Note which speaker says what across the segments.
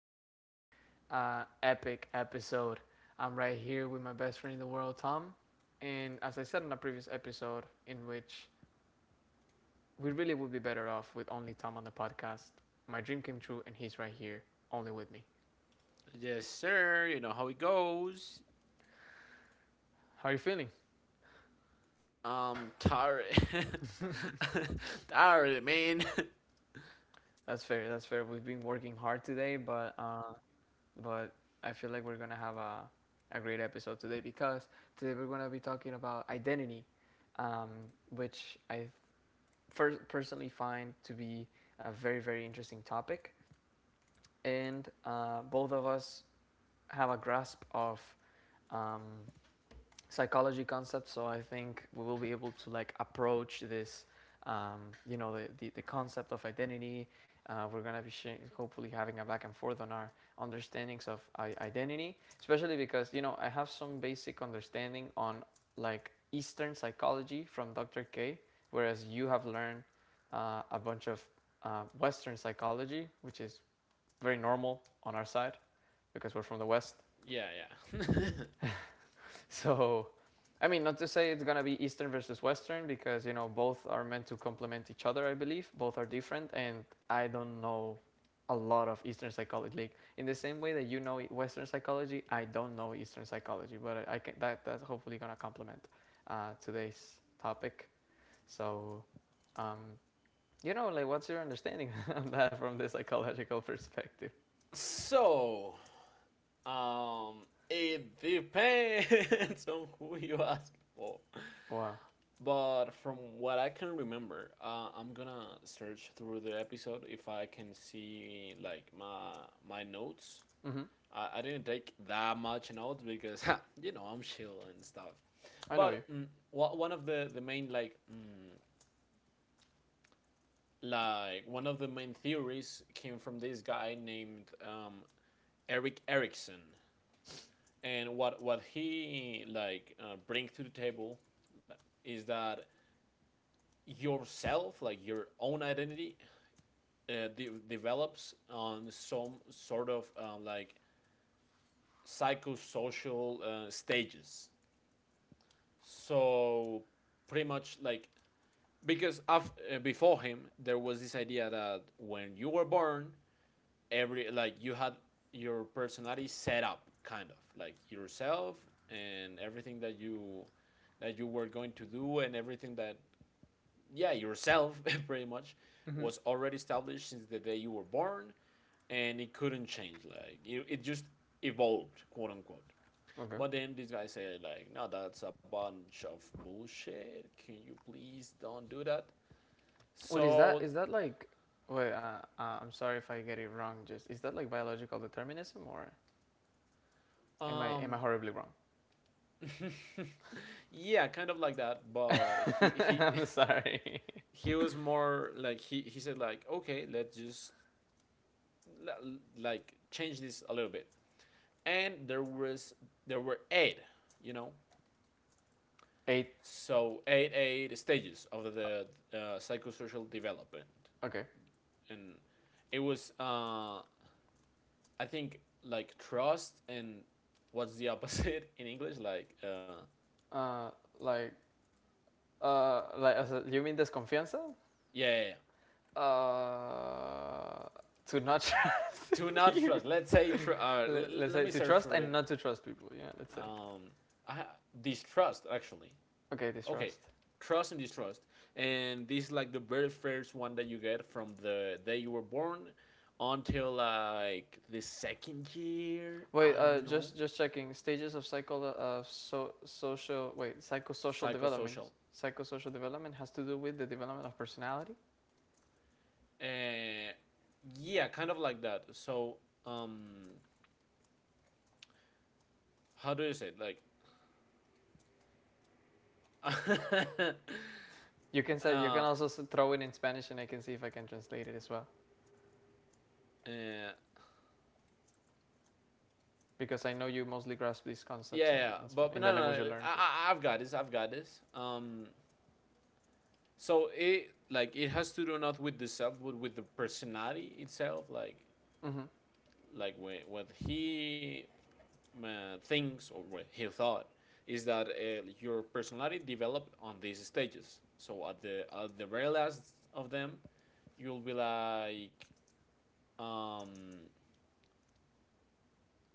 Speaker 1: to another epic episode. I'm right here with my best friend in the world, Tom. And as I said in a previous episode, in which we really would be better off with only Tom on the podcast, my dream came true, and he's right here, only with me.
Speaker 2: Yes, sir. You know how it goes.
Speaker 1: How are you feeling?
Speaker 2: Tired. Tired, man.
Speaker 1: That's fair. That's fair. We've been working hard today, but but I feel like we're gonna have a great episode today because today we're gonna be talking about identity, um, which I personally find to be a very, very interesting topic. And both of us have a grasp of um, psychology concept, so I think we will be able to like approach this, um, you know, the concept of identity. We're going to be hopefully having a back and forth on our understandings of identity, especially because, you know, I have some basic understanding on like Eastern psychology from Dr. K, whereas you have learned a bunch of Western psychology, which is very normal on our side because we're from the West.
Speaker 2: Yeah, yeah.
Speaker 1: So, I mean, not to say it's gonna be Eastern versus Western, because you know both are meant to complement each other. I believe both are different, and I don't know a lot of Eastern psychology. Like in the same way that you know Western psychology, I don't know Eastern psychology, but I, can that that's hopefully gonna complement today's topic. So, um, you know, like what's your understanding on that from the psychological perspective?
Speaker 2: So, um, it depends on who you ask for.
Speaker 1: Wow.
Speaker 2: But from what I can remember, I'm gonna search through the episode if I can see, like, my notes.
Speaker 1: Hmm.
Speaker 2: I didn't take that much notes because I'm chill and stuff.
Speaker 1: I know you.
Speaker 2: But one of the main, like, like one of the main theories came from this guy named Eric Erickson, and what he, like, brings to the table, uh, is that yourself, like your own identity, develops on some sort of, like, psychosocial stages. So pretty much, like, because before him there was this idea that when you were born, every, like, you had your personality set up, kind of like yourself, and everything that you were going to do, and everything that, yeah, yourself, pretty much,
Speaker 1: Hmm.
Speaker 2: was already established since the day you were born, and it couldn't change, like, it just evolved, quote unquote.
Speaker 1: Okay.
Speaker 2: But then this guy said, like, no, that's a bunch of bullshit. Can you please don't do that?
Speaker 1: What is that?
Speaker 2: So,
Speaker 1: Is that like? Wait, I'm sorry if I get it wrong. Just, is that like biological determinism, or am I am
Speaker 2: um,
Speaker 1: I horribly wrong?
Speaker 2: yeah, kind of like that. But he he
Speaker 1: I'm sorry.
Speaker 2: he was more like, he said, like, okay, let's just, like, change this a little bit. And there were eight, you know,
Speaker 1: Eight.
Speaker 2: so eight stages of the psychosocial development,
Speaker 1: Okay.
Speaker 2: and it was I think, like, trust and what's the opposite in English? Like,
Speaker 1: Uh, like, like, as you mean desconfianza?
Speaker 2: yeah, yeah, yeah.
Speaker 1: Uh, to not trust
Speaker 2: Do not
Speaker 1: people.
Speaker 2: trust. Let's say,
Speaker 1: Let's
Speaker 2: let
Speaker 1: say,
Speaker 2: me
Speaker 1: to
Speaker 2: search
Speaker 1: trust
Speaker 2: for
Speaker 1: and
Speaker 2: it.
Speaker 1: not to trust people. Yeah, let's say.
Speaker 2: Um, I, Distrust, actually.
Speaker 1: Okay,
Speaker 2: Okay,
Speaker 1: distrust.
Speaker 2: trust and distrust, and this is, like, the very first one that you get from the day you were born until, like, the second year.
Speaker 1: Wait,
Speaker 2: I don't know,
Speaker 1: just checking, stages of psycho so social wait psychosocial development.
Speaker 2: psychosocial.
Speaker 1: Psychosocial development has to do with the development of personality.
Speaker 2: Uh, yeah, kind of like that. So, um, how do you say it? Like, uh,
Speaker 1: You can say, you can also throw it in Spanish, and I can see if I can translate it as well,
Speaker 2: yeah,
Speaker 1: because I know you mostly grasp these concepts
Speaker 2: yeah,
Speaker 1: in
Speaker 2: yeah.
Speaker 1: in,
Speaker 2: But,
Speaker 1: Span-
Speaker 2: but
Speaker 1: in the
Speaker 2: no, no,
Speaker 1: language you
Speaker 2: no.
Speaker 1: learned it.
Speaker 2: I've got this. I've got this. So it has to do not with the self, but with the personality itself. Like,
Speaker 1: Hmm.
Speaker 2: what he thinks, or what he thought, is that your personality developed on these stages. So at the very last of them, you'll be like, um,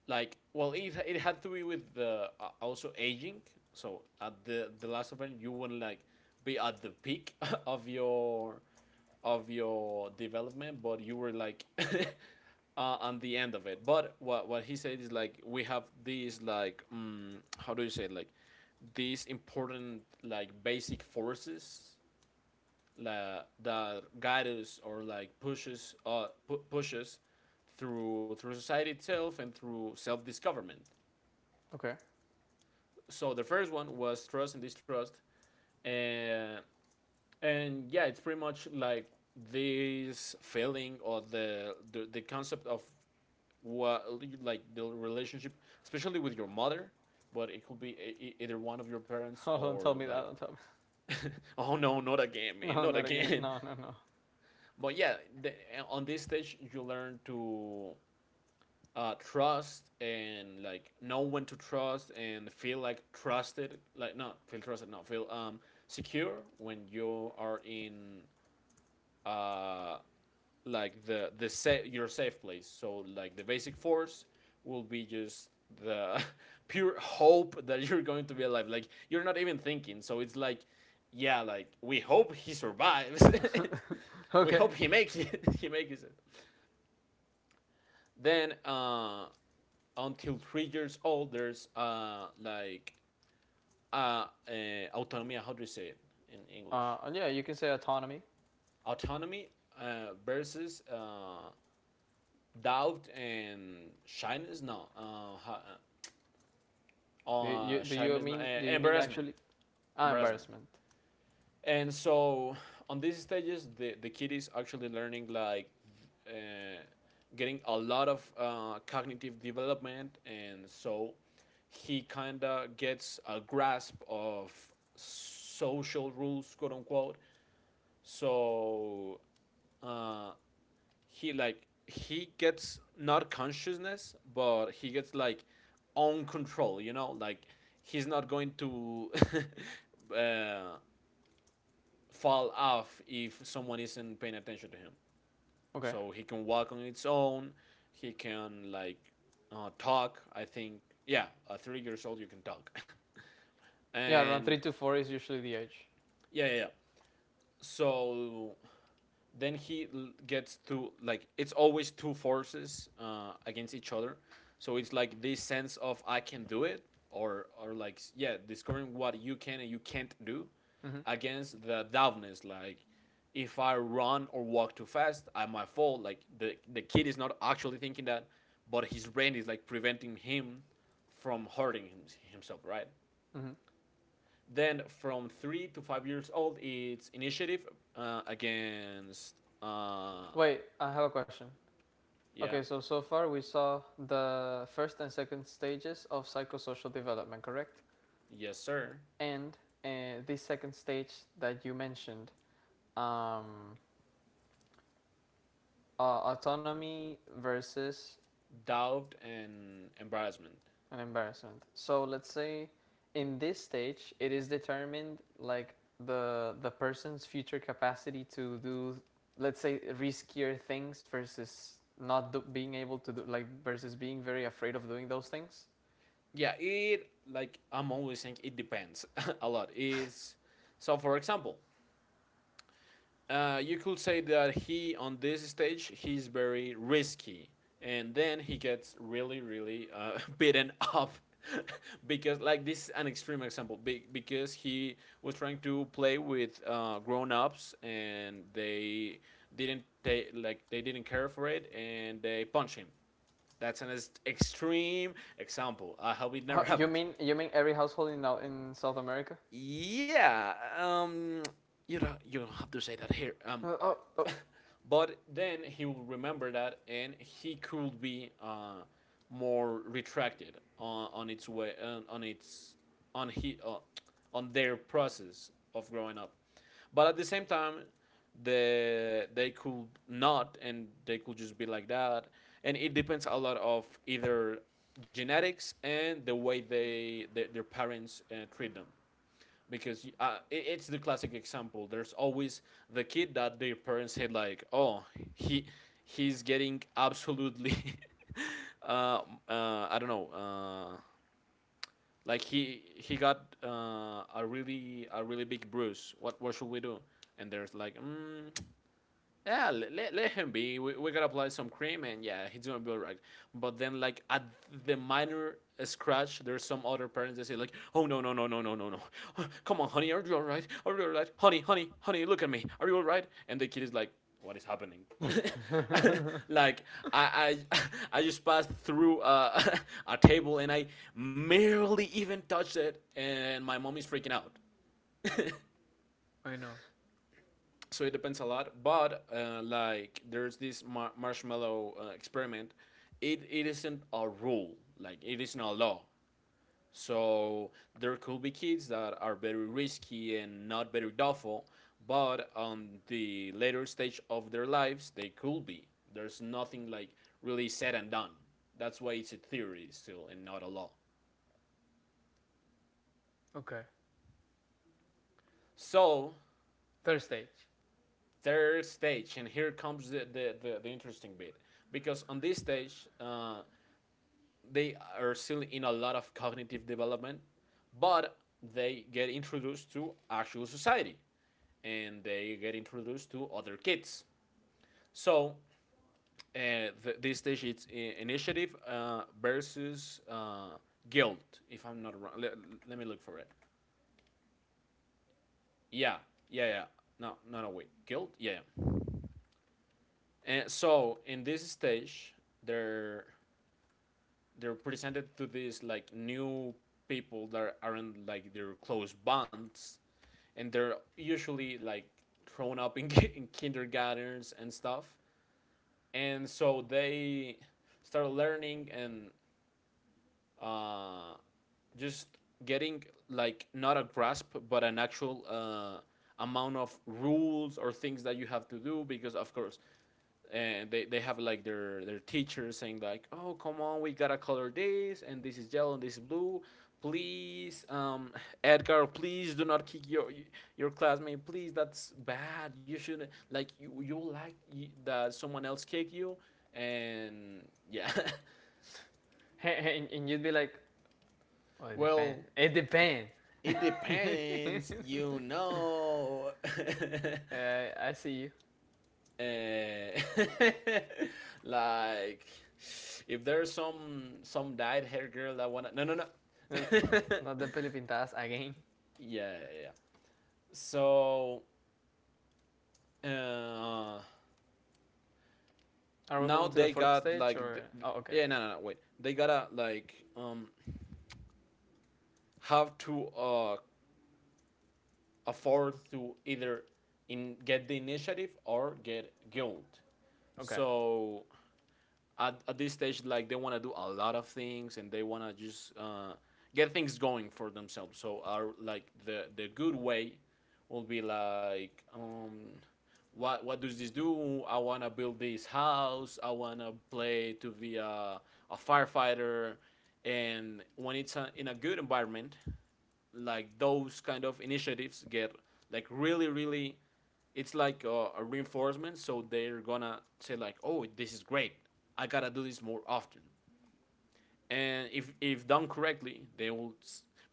Speaker 2: like, well, it had to be with the, also aging, so at the last event you wouldn't, like, be at the peak of your development, but you were like, on the end of it. But what he said is, like, we have these, like, how do you say it? Like, these important, like, basic forces, that guides, or like pushes through society itself and through self discoverment.
Speaker 1: Okay.
Speaker 2: So the first one was trust and distrust, and yeah, it's pretty much, like, this feeling, or the concept of what, like, the relationship, especially with your mother, but it could be either one of your parents,
Speaker 1: Oh, don't tell
Speaker 2: or
Speaker 1: me that.
Speaker 2: like.
Speaker 1: Don't tell me.
Speaker 2: Oh, no, not again, man,
Speaker 1: No,
Speaker 2: not
Speaker 1: not again.
Speaker 2: again.
Speaker 1: No, no, no.
Speaker 2: But, yeah, the, on this stage you learn to trust and, like, know when to trust and feel like trusted, like, not feel trusted, no, feel secure when you are in uh like your safe place. So, like, the basic force will be just the pure hope that you're going to be alive. Like, you're not even thinking. So it's like, yeah, like, we hope he survives. We
Speaker 1: Okay.
Speaker 2: hope he makes it. He makes it. Then until 3 years old, there's, like, autonomy. How do you say it in English?
Speaker 1: Yeah, you can say autonomy.
Speaker 2: Autonomy, versus, doubt and shyness. No,
Speaker 1: Do you do you
Speaker 2: shyness. No,
Speaker 1: mean do you mean
Speaker 2: embarrassment.
Speaker 1: actually? Ah,
Speaker 2: Embarrassment.
Speaker 1: embarrassment.
Speaker 2: And so, on these stages, the kid is actually learning, like, uh, getting a lot of cognitive development, and so he kind of gets a grasp of social rules, quote unquote. So uh, he gets not consciousness, but he gets, like, own control. You know, like, he's not going to uh, fall off if someone isn't paying attention to him.
Speaker 1: Okay.
Speaker 2: So he can walk on its own. He can, like, talk. I think, yeah, at 3 years old you can talk,
Speaker 1: Yeah, around
Speaker 2: and
Speaker 1: 3 to 4 is usually the age.
Speaker 2: yeah, yeah, yeah. So then he gets to, like, it's always two forces against each other, so it's like this sense of I can do it, or like, yeah, discovering what you can and you can't do,
Speaker 1: Hmm.
Speaker 2: against the doubtness, like, if I run or walk too fast I might fall, like the kid is not actually thinking that, but his brain is like preventing him from hurting himself, right?
Speaker 1: Hmm.
Speaker 2: Then from 3 to 5 years old, it's initiative against, uh,
Speaker 1: Wait, I have a question. Okay,
Speaker 2: yeah.
Speaker 1: so, so far we saw the first and second stages of psychosocial development, correct?
Speaker 2: Yes, sir.
Speaker 1: And the second stage that you mentioned, um, autonomy versus
Speaker 2: Doubt and embarrassment.
Speaker 1: an embarrassment. So let's say, in this stage it is determined, like, the person's future capacity to do, let's say, riskier things versus not do, being able to do, like, versus being very afraid of doing those things.
Speaker 2: Yeah, it, like, I'm always saying it depends a lot. Is So, for example, you could say that he, on this stage, he's very risky, and then he gets really, really beaten up because, like, this is an extreme example, because he was trying to play with grown-ups, and they didn't take, like, they didn't care for it, and they punch him. That's an extreme example. I hope it
Speaker 1: Huh,
Speaker 2: never
Speaker 1: you
Speaker 2: happens.
Speaker 1: mean, every household in South America?
Speaker 2: Yeah, you don't have to say that here.
Speaker 1: Oh, oh.
Speaker 2: But then he will remember that, and he could be more retracted on its way on its on he on their process of growing up. But at the same time, they could not, and they could just be like that. And it depends a lot of either genetics and the way they, their parents treat them, because it's the classic example. There's always the kid that their parents said, like, "Oh, he he's getting absolutely, uh, I don't know, like he got a really, a really big bruise. What should we do?" And there's like, yeah, let him be. We gotta apply some cream, and yeah, he's gonna be alright. But then, like, at the minor scratch, there's some other parents that say, like, "Oh, no, no, no, no, no, no, no! Come on, honey, are you alright? Are you alright, honey, honey, honey? Look at me. Are you alright?" And the kid is like, "What is happening?" Like, I I just passed through a table and I barely even touched it, and my mom is freaking out.
Speaker 1: I know.
Speaker 2: So it depends a lot, but like, there's this marshmallow experiment. It isn't a rule, like, it isn't a law, so there could be kids that are very risky and not very doubtful, but on the later stage of their lives they could be. There's nothing like really said and done. That's why it's a theory still, and not a law.
Speaker 1: Okay,
Speaker 2: So,
Speaker 1: third stage.
Speaker 2: third stage. And here comes the interesting bit, because on this stage they are still in a lot of cognitive development, but they get introduced to actual society, and they get introduced to other kids. So, this stage, it's initiative versus guilt, if I'm not wrong. Let me look for it. Yeah, yeah, yeah. No, no, no, wait. Guilt? Yeah. And so, in this stage, they're they're presented to these, like, new people that aren't, like, their close bonds, and they're usually, like, thrown up in kindergartens and stuff, and so they start learning and uh, just getting, like, not a grasp but an actual amount of rules, or things that you have to do, because of course, and they have, like, their teachers saying, like, "Oh, come on, we gotta color this, and this is yellow and this is blue, please, Edgar, please do not kick your classmate, please, that's bad, you shouldn't, like, you like y that someone else kick you." And yeah,
Speaker 1: And you'd be like, "Oh, it depends.
Speaker 2: well,
Speaker 1: It depends."
Speaker 2: it
Speaker 1: uh,
Speaker 2: depends,
Speaker 1: I see you.
Speaker 2: Eh, like, if there's some dyed hair girl that wanna, no, no, no,
Speaker 1: Uh, Not the Filipintas again.
Speaker 2: yeah, yeah, yeah. So uh
Speaker 1: Are we moving
Speaker 2: now
Speaker 1: to the
Speaker 2: they
Speaker 1: fourth
Speaker 2: got
Speaker 1: stage
Speaker 2: like
Speaker 1: or? Oh, okay,
Speaker 2: yeah,
Speaker 1: okay,
Speaker 2: no, no, no, wait, they gotta like have to afford to either in get the initiative or get guild.
Speaker 1: okay.
Speaker 2: So at this stage, like they want to do a lot of things and they want to just get things going for themselves, so our like the good way will be like what does this do? I want to build this house. I want to play to be a firefighter. And when it's in a good environment, like those kind of initiatives get like really really it's like a reinforcement, so they're gonna say like, oh, this is great. I gotta do this more often. And if done correctly, they will,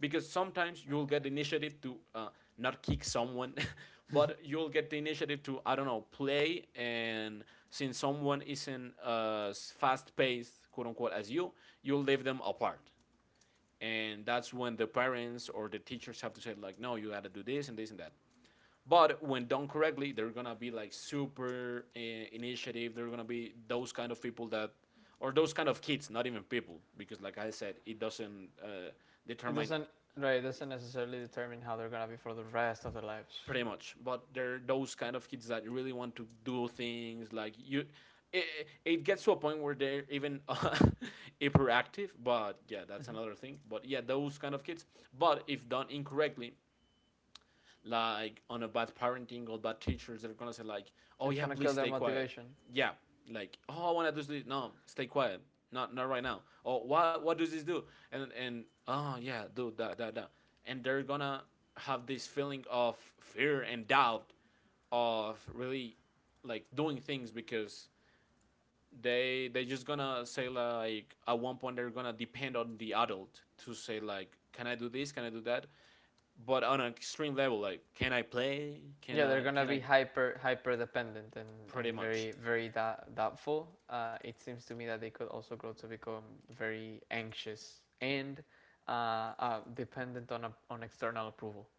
Speaker 2: because sometimes you'll get the initiative to not kick someone but you'll get the initiative to, I don't know, play, and since someone isn't as fast paced, quote unquote, as you, you'll leave them apart. And that's when the parents or the teachers have to say like, no, you got to do this and this and that. But when done correctly, they're gonna be like super initiative. They're gonna be those kind of people that, or those kind of kids, not even people, because like I said, it doesn't
Speaker 1: It
Speaker 2: determine.
Speaker 1: doesn't, right? It doesn't necessarily determine how they're gonna be for the rest of their lives.
Speaker 2: Pretty much, but they're those kind of kids that really want to do things like you. It, it gets to a point where they're even hyperactive, but yeah, that's
Speaker 1: Mm-hmm.
Speaker 2: another thing, but yeah, those kind of kids. But if done incorrectly, like on a bad parenting or bad teachers, they're gonna say like, oh
Speaker 1: It's
Speaker 2: yeah,
Speaker 1: gonna
Speaker 2: please
Speaker 1: kill their
Speaker 2: stay quiet.
Speaker 1: motivation.
Speaker 2: Yeah, like, oh, I want to do this. No, stay quiet. Not right now. Oh, what does this do? And oh yeah, do that, that, that. And they're gonna have this feeling of fear and doubt of really like doing things, because they just gonna say like at one point they're gonna depend on the adult to say like, can I do this, can I do that, but on an extreme level, like, can I play? Can
Speaker 1: Yeah, they're
Speaker 2: I?
Speaker 1: gonna
Speaker 2: Can
Speaker 1: be
Speaker 2: I?
Speaker 1: hyper, hyper dependent, and,
Speaker 2: Pretty
Speaker 1: and
Speaker 2: much.
Speaker 1: very, very doubtful. It seems to me that they could also grow to become very anxious and, dependent on on external approval.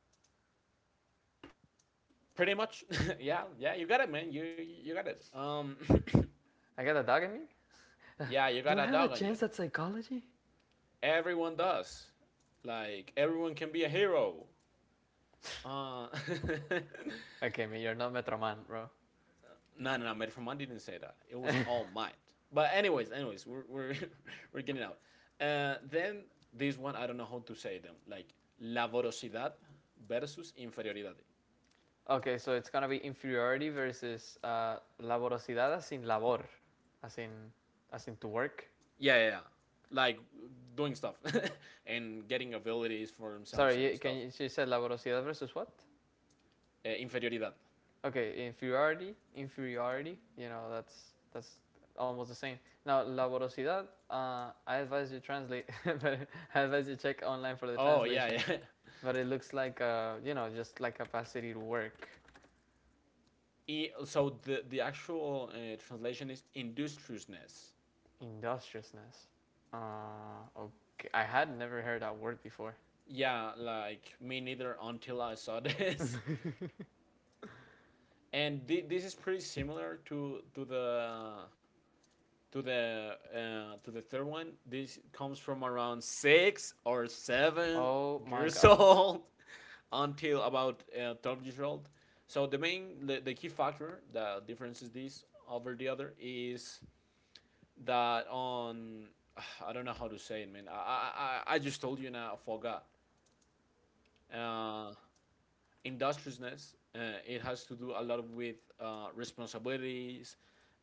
Speaker 2: Pretty much. Yeah, yeah. You got it, man. You got it.
Speaker 1: I got a dog in me.
Speaker 2: Yeah, you
Speaker 1: Do
Speaker 2: got
Speaker 1: I
Speaker 2: a
Speaker 1: have a
Speaker 2: dog on you.
Speaker 1: chance at psychology?
Speaker 2: Everyone does. Like everyone can be a hero. Uh,
Speaker 1: Okay, man, you're not Metroman, bro.
Speaker 2: no, no, no. Made from Mind didn't say that. It was all might. But anyways, anyways, we're we're getting out. Then this one, I don't know how to say them. Like la voracidad versus inferioridad.
Speaker 1: Okay, so it's gonna be inferiority versus laborosidad, as in labor, as in, to work.
Speaker 2: Yeah, yeah, yeah. Like doing stuff and getting abilities for themselves
Speaker 1: Sorry,
Speaker 2: and
Speaker 1: you, can
Speaker 2: stuff.
Speaker 1: you, you said laborosidad versus what?
Speaker 2: Inferioridad.
Speaker 1: Okay, inferiority, inferiority. You know, that's almost the same. Now, la. I advise you translate, but I advise you check online for the
Speaker 2: Oh yeah,
Speaker 1: translation.
Speaker 2: yeah.
Speaker 1: But it looks like, you know, just like capacity to work.
Speaker 2: So the actual translation is industriousness.
Speaker 1: Industriousness. Okay, I had never heard that word before.
Speaker 2: Yeah, like me neither until I saw this. And this is pretty similar to the third one. This comes from around six or seven
Speaker 1: Oh my
Speaker 2: years
Speaker 1: God.
Speaker 2: old until about 12 years old. So the main the key factor, the difference is this over the other is that on I don't know how to say it, man. I just told you and I forgot. Uh, industriousness. It has to do a lot with responsibilities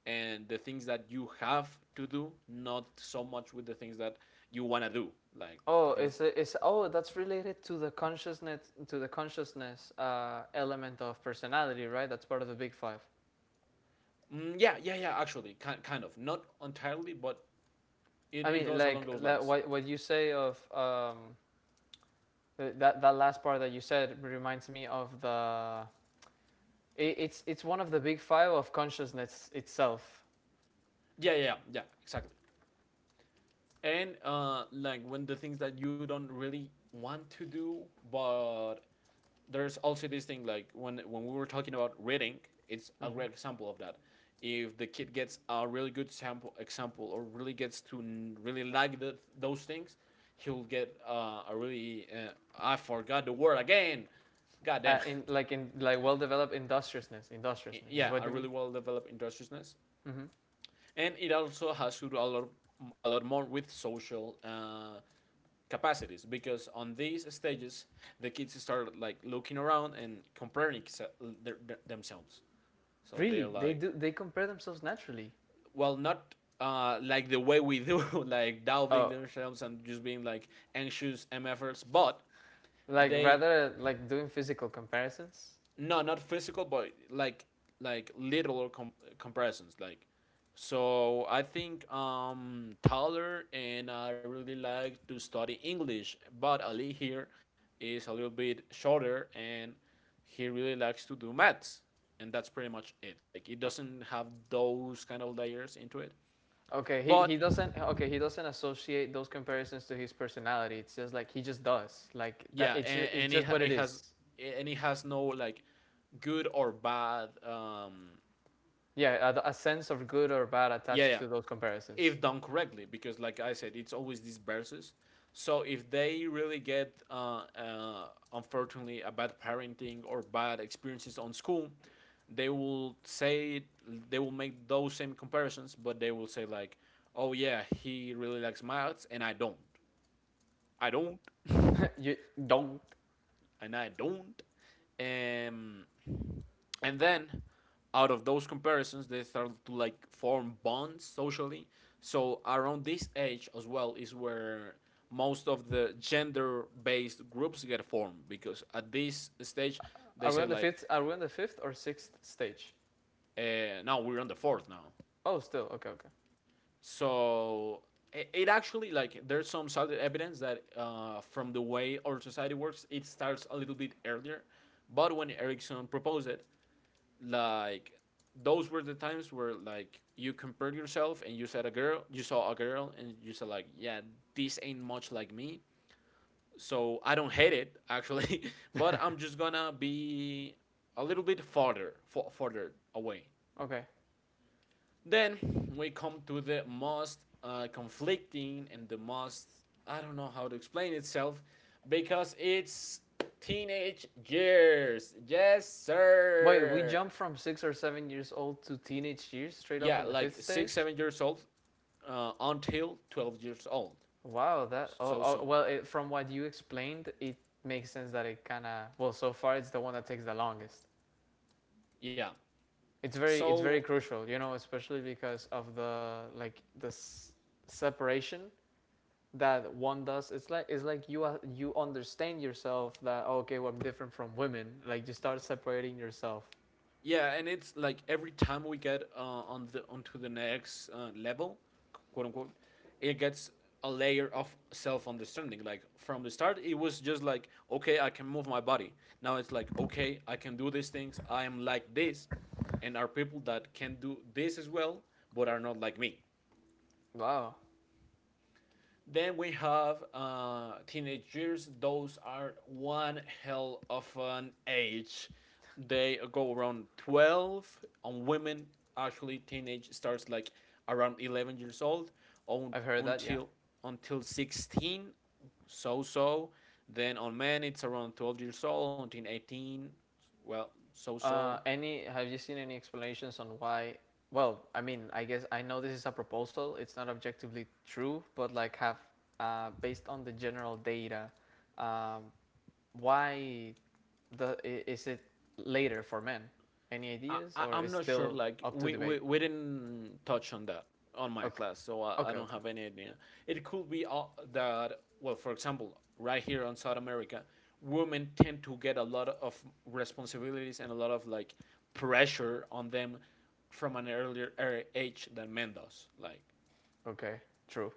Speaker 2: and the things that you have to do, not so much with the things that you want to do. Like the
Speaker 1: Oh,
Speaker 2: things.
Speaker 1: it's oh that's related to the consciousness, to the consciousness, element of personality, right? That's part of the big five.
Speaker 2: Mm, yeah, yeah, yeah, actually, kind of. Not entirely, but it,
Speaker 1: I
Speaker 2: it
Speaker 1: mean,
Speaker 2: goes along
Speaker 1: like
Speaker 2: those
Speaker 1: that,
Speaker 2: lines.
Speaker 1: what you say of, that last part that you said reminds me of the. It's one of the big five of consciousness itself.
Speaker 2: Yeah, yeah, yeah, yeah, exactly. And like when the things that you don't really want to do, but there's also this thing like when we were talking about reading, it's a
Speaker 1: Hmm.
Speaker 2: great example of that. If the kid gets a really good sample example or really gets to really like those things, he'll get a really I forgot the word again. God damn.
Speaker 1: In like well developed industriousness, industriousness is
Speaker 2: Yeah,
Speaker 1: what
Speaker 2: a
Speaker 1: you
Speaker 2: really
Speaker 1: mean.
Speaker 2: well developed industriousness,
Speaker 1: Hmm.
Speaker 2: and it also has to do a lot more with social. Capacities because on these stages the kids start like looking around and comparing themselves. So
Speaker 1: Really,
Speaker 2: they're
Speaker 1: they
Speaker 2: like,
Speaker 1: do, they compare themselves naturally.
Speaker 2: well, not like the way we do, like doubting
Speaker 1: Oh,
Speaker 2: themselves and just being like anxious MFers, but
Speaker 1: like,
Speaker 2: they
Speaker 1: rather like doing physical comparisons.
Speaker 2: no, not physical, but like literal comparisons, like. So I think taller, and I really like to study English, but Ali here is a little bit shorter and he really likes to do maths, and that's pretty much it. Like it doesn't have those kind of layers into it.
Speaker 1: Okay,
Speaker 2: But
Speaker 1: he doesn't associate those comparisons to his personality. It's just like he just does. Like, that
Speaker 2: yeah and,
Speaker 1: it's
Speaker 2: and it,
Speaker 1: just what it
Speaker 2: it has
Speaker 1: is.
Speaker 2: and it has no like good or bad
Speaker 1: Yeah, a sense of good or bad
Speaker 2: yeah,
Speaker 1: attached
Speaker 2: yeah.
Speaker 1: to those comparisons.
Speaker 2: If done correctly, because like I said, it's always these verses, so if they really get unfortunately a bad parenting or bad experiences on school, they will say they will make those same comparisons, but they will say like, oh yeah, he really likes maths and I don't.
Speaker 1: You don't.
Speaker 2: And I don't um and then out of those comparisons they start to like form bonds socially, so around this age as well is where most of the gender based groups get formed, because at this stage they
Speaker 1: Are we
Speaker 2: say
Speaker 1: on the
Speaker 2: like,
Speaker 1: fifth? Are we on the fifth or sixth stage?
Speaker 2: now we're on the fourth now.
Speaker 1: Oh, still. Okay, okay,
Speaker 2: So it actually, like there's some solid evidence that from the way our society works, it starts a little bit earlier, but when Erikson proposed it, like those were the times where like you compared yourself and you said a girl, you saw a girl and you said like, yeah, this ain't much like me, so I don't hate it actually but I'm just gonna be a little bit farther farther away.
Speaker 1: okay.
Speaker 2: Then we come to the most conflicting and the most, I don't know how to explain itself, because it's teenage years. Yes,
Speaker 1: Wait, we
Speaker 2: sir.
Speaker 1: jumped from 6 or 7 years old to teenage years straight up
Speaker 2: Yeah,
Speaker 1: on the
Speaker 2: like
Speaker 1: fifth
Speaker 2: six,
Speaker 1: stage.
Speaker 2: 7 years old until 12 years old.
Speaker 1: Wow, that. Oh,
Speaker 2: So,
Speaker 1: oh
Speaker 2: so,
Speaker 1: well, from what you explained, it makes sense that it kind of. Well, so far it's the one that takes the longest.
Speaker 2: yeah.
Speaker 1: It's
Speaker 2: So,
Speaker 1: very crucial, you know, especially because of the, like, the separation that one does. It's like, you you understand yourself that, "Oh, okay, well, I'm different from women." Like, you start separating yourself.
Speaker 2: yeah, and it's like every time we get on the onto the next level, quote unquote, it gets a layer of self understanding. Like from the start, it was just like, okay, I can move my body. Now it's like, okay, I can do these things. I am like this, and are people that can do this as well, but are not like me.
Speaker 1: Wow.
Speaker 2: Then we have teenage years. Those are one hell of an age. They go around 12. On women, actually, teenage starts like around 11 years old on,
Speaker 1: I've heard that, yeah.
Speaker 2: until 16, so. Then on men, it's around 12 years old until 18. Well, so.
Speaker 1: Uh, any, have you seen any explanations on why? Well, I mean, I guess I know this is a proposal, it's not objectively true, but like, have, based on the general data, um why the, is it later for men? Any ideas, or
Speaker 2: I'm
Speaker 1: is
Speaker 2: not sure.
Speaker 1: still
Speaker 2: Like
Speaker 1: up to debate?
Speaker 2: we didn't touch on that on my
Speaker 1: Okay.
Speaker 2: class, so I
Speaker 1: Okay,
Speaker 2: don't
Speaker 1: okay.
Speaker 2: have any idea. It could be that, well, for example, right here on South America, women tend to get a lot of responsibilities and a lot of like pressure on them from an earlier age than men does. Like
Speaker 1: Okay. True.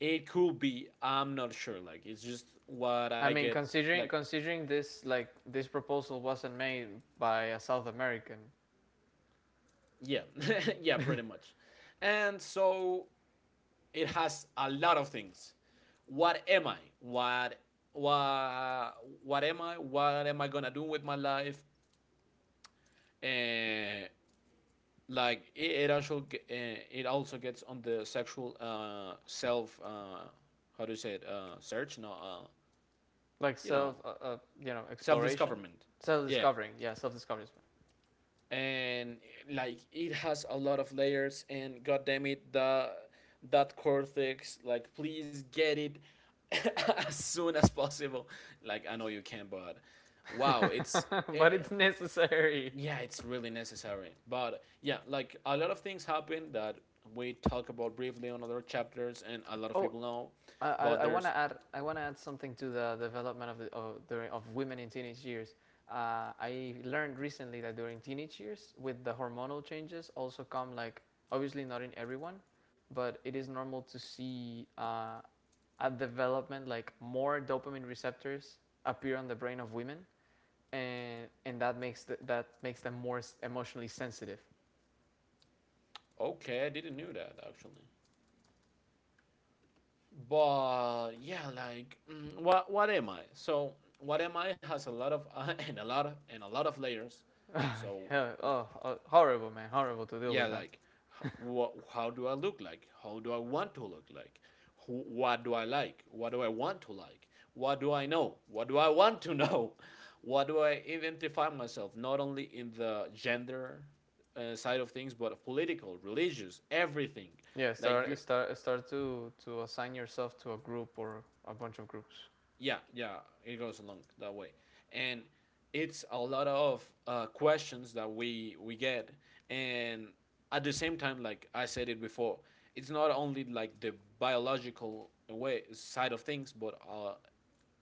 Speaker 2: it could be. I'm not sure. Like it's just what I
Speaker 1: I mean,
Speaker 2: get. Like
Speaker 1: considering, this, like, this proposal wasn't made by a South American.
Speaker 2: yeah, yeah, pretty much. And so it has a lot of things. What am I? What what am I? What am I gonna do with my life? And like it also gets on the sexual self how do you say it, search no
Speaker 1: Like,
Speaker 2: you
Speaker 1: self,
Speaker 2: know,
Speaker 1: you know,
Speaker 2: self
Speaker 1: exploration.
Speaker 2: discoverment.
Speaker 1: Self
Speaker 2: Yeah,
Speaker 1: discovering. Yeah, self discovery.
Speaker 2: and like it has a lot of layers, and god damn it the that cortex, like please get it as soon as possible. Like I know you can, but wow, it's it,
Speaker 1: But it's
Speaker 2: it-
Speaker 1: necessary.
Speaker 2: yeah, it's really necessary, but yeah, like a lot of things happen that we talk about briefly on other chapters and a lot of
Speaker 1: Oh,
Speaker 2: people know. But there's.
Speaker 1: I want to add something to the development of the, of women in teenage years. I learned recently that during teenage years, with the hormonal changes, also come, like, obviously not in everyone, but it is normal to see, at development, like more dopamine receptors appear on the brain of women, and that makes that makes them more emotionally sensitive.
Speaker 2: Okay, I didn't know that actually. But yeah, like, what am I? So what am I has a lot of and a lot of layers. So
Speaker 1: Yeah, oh, oh, horrible, man, horrible to deal
Speaker 2: yeah,
Speaker 1: with that.
Speaker 2: like, what, how do I look like? How do I want to look like? Who, what do I like? What do I want to like? What do I know? What do I want to know? What do I identify myself? Not only in the gender side of things, but of political, religious, everything.
Speaker 1: Yeah,
Speaker 2: Like you,
Speaker 1: start to assign yourself to a group or a bunch of groups.
Speaker 2: yeah, yeah, it goes along that way, and it's a lot of questions that we get, and at the same time, like I said it before, it's not only like the biological way side of things, but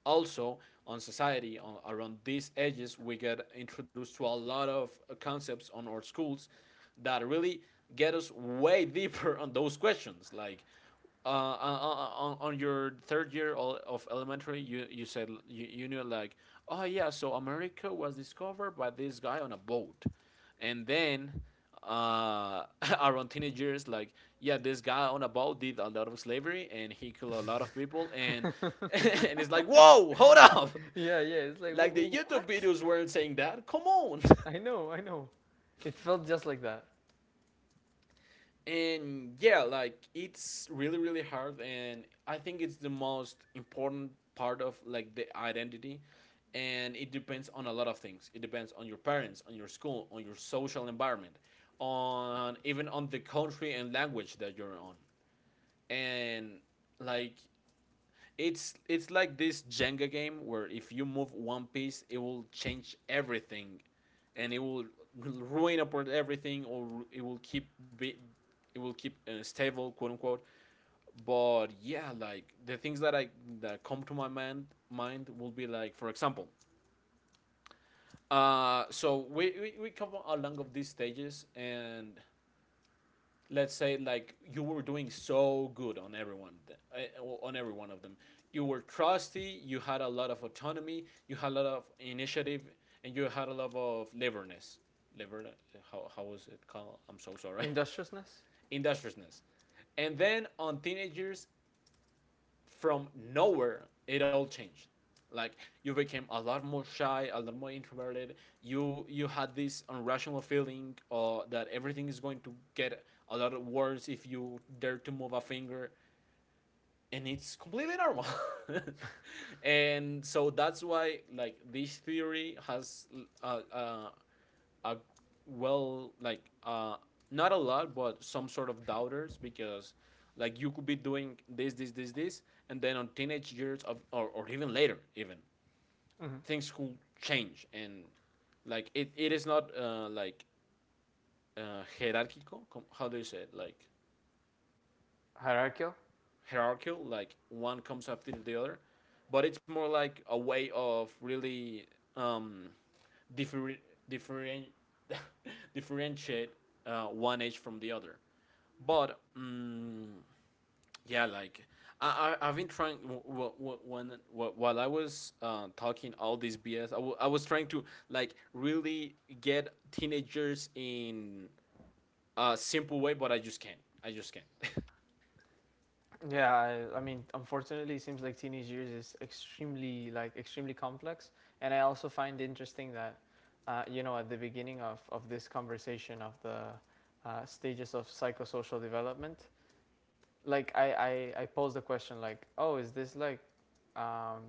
Speaker 2: also on society on, around these ages we get introduced to a lot of concepts on our schools that really get us way deeper on those questions, like on your third year of elementary you said you knew like, oh yeah, so America was discovered by this guy on a boat, and then uh, around teenage years, like, yeah, this guy on a boat did a lot of slavery and he killed a lot of people, and and it's like, whoa, hold up,
Speaker 1: Yeah, yeah, it's like,
Speaker 2: like the YouTube
Speaker 1: What?"
Speaker 2: videos weren't saying that. Come on.
Speaker 1: I know, I know. It felt just like that.
Speaker 2: and yeah, like it's really really hard, and I think it's the most important part of like the identity. And it depends on a lot of things. It depends on your parents, on your school, on your social environment, on even on the country and language that you're on. And like it's like this Jenga game where if you move one piece, it will change everything, and it will ruin apart everything, or it will keep be, it will keep stable, quote unquote. But yeah, like the things that I, that come to my mind will be like, for example, we come along of these stages. And let's say like you were doing so good on everyone, eh, on every one of them. You were trusty, you had a lot of autonomy, you had a lot of initiative, and you had a lot of leverness, lever, how was it called? I'm so sorry.
Speaker 1: Industriousness.
Speaker 2: industriousness. And then on teenagers, from nowhere, it all changed. Like you became a lot more shy, a lot more introverted. You had this irrational feeling that everything is going to get a lot worse if you dare to move a finger. And it's completely normal. and so that's why like this theory has uh, uh, a well like not a lot but some sort of doubters, because like you could be doing this and then on teenage years of, or even later even,
Speaker 1: Hmm.
Speaker 2: things could change. And like it is not like hierarchical. How do you say it, like?
Speaker 1: Hierarchical.
Speaker 2: Hierarchical, like one comes after the other, but it's more like a way of really um, differ- different differentiate one age from the other. But yeah, like I I've been trying while I was talking all this BS, I was trying to like really get teenagers in a simple way, but I just can't. I just can't.
Speaker 1: Yeah, I mean, unfortunately, it seems like teenage years is extremely, like, extremely complex. And I also find interesting that, you know, at the beginning of, this conversation of the, stages of psychosocial development, like, I posed the question, like, oh, is this like, um,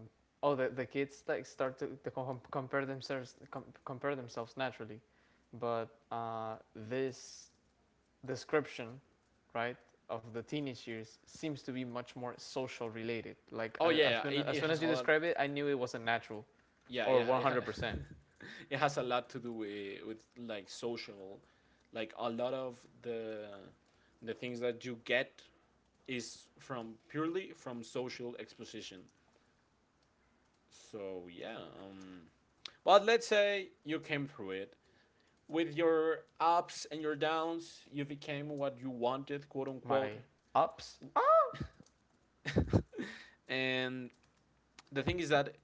Speaker 1: oh, the kids, like, start to, compare themselves, compare themselves naturally. But this description, right, of the teenage years seems to be much more social related. Like,
Speaker 2: oh yeah,
Speaker 1: as
Speaker 2: yeah,
Speaker 1: soon
Speaker 2: it,
Speaker 1: as
Speaker 2: it has a
Speaker 1: you
Speaker 2: lot.
Speaker 1: describe it, I knew it wasn't natural,
Speaker 2: Yeah,
Speaker 1: or
Speaker 2: it,
Speaker 1: 100%.
Speaker 2: it has a lot to do with like social. Like a lot of the things that you get is from purely from social exposition. So yeah, but let's say you came through it with your ups and your downs. You became what you wanted, quote unquote.
Speaker 1: My ups, ah.
Speaker 2: And the thing is that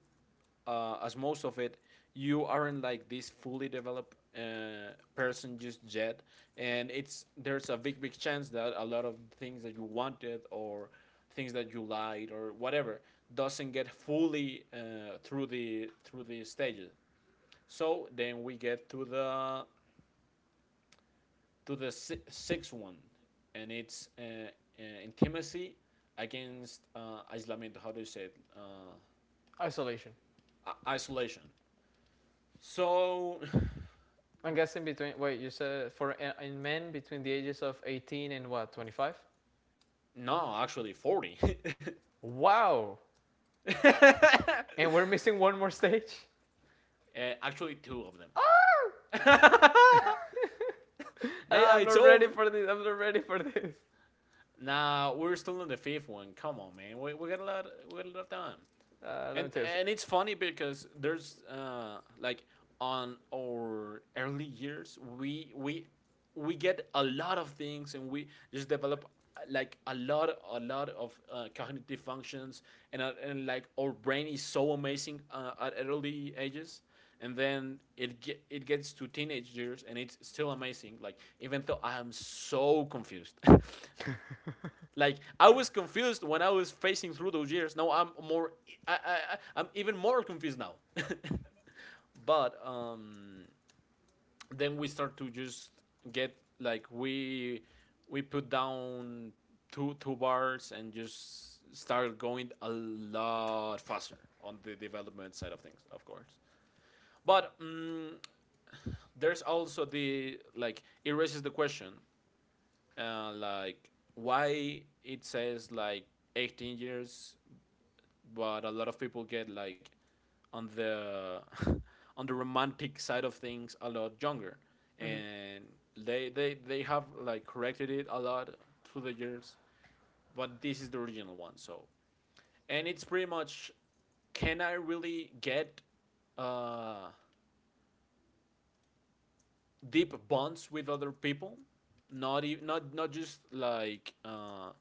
Speaker 2: as most of it, you aren't like this fully developed person just yet, and it's, there's a big big chance that a lot of things that you wanted or things that you liked or whatever doesn't get fully through the stages. So then we get to the, to the sixth one, and it's intimacy against isolamiento. How do you say it?
Speaker 1: Isolation.
Speaker 2: Isolation. So,
Speaker 1: I'm guessing, between, wait, you said for in men between the ages of 18 and, what, 25?
Speaker 2: no, actually, 40.
Speaker 1: Wow. And we're missing one more stage.
Speaker 2: Actually, two of them.
Speaker 1: I
Speaker 2: nah,
Speaker 1: am
Speaker 2: it's
Speaker 1: not ready
Speaker 2: over.
Speaker 1: for this. I'm not ready for this.
Speaker 2: Nah, we're still in the fifth one. Come on, man. We got a lot, we got a lot of time.
Speaker 1: Let
Speaker 2: And
Speaker 1: me tell you
Speaker 2: and it's funny because there's uh, like on our early years we get a lot of things and we just develop like a lot of cognitive functions. And and like our brain is so amazing at early ages. And then it it gets to teenage years and it's still amazing, like even though I am so confused. Like I was confused when I was facing through those years. Now I'm more, I, I, I am even more confused now. but then we start to just get, like we put down two bars and just start going a lot faster on the development side of things, of course. But there's also the, like, it raises the question, like why it says like 18 years, but a lot of people get like on the, on the romantic side of things a lot younger.
Speaker 1: something.
Speaker 2: And they they have like corrected it a lot through the years, but this is the original one. So, and it's pretty much, can I really get uh deep bonds with other people? Not even, not just like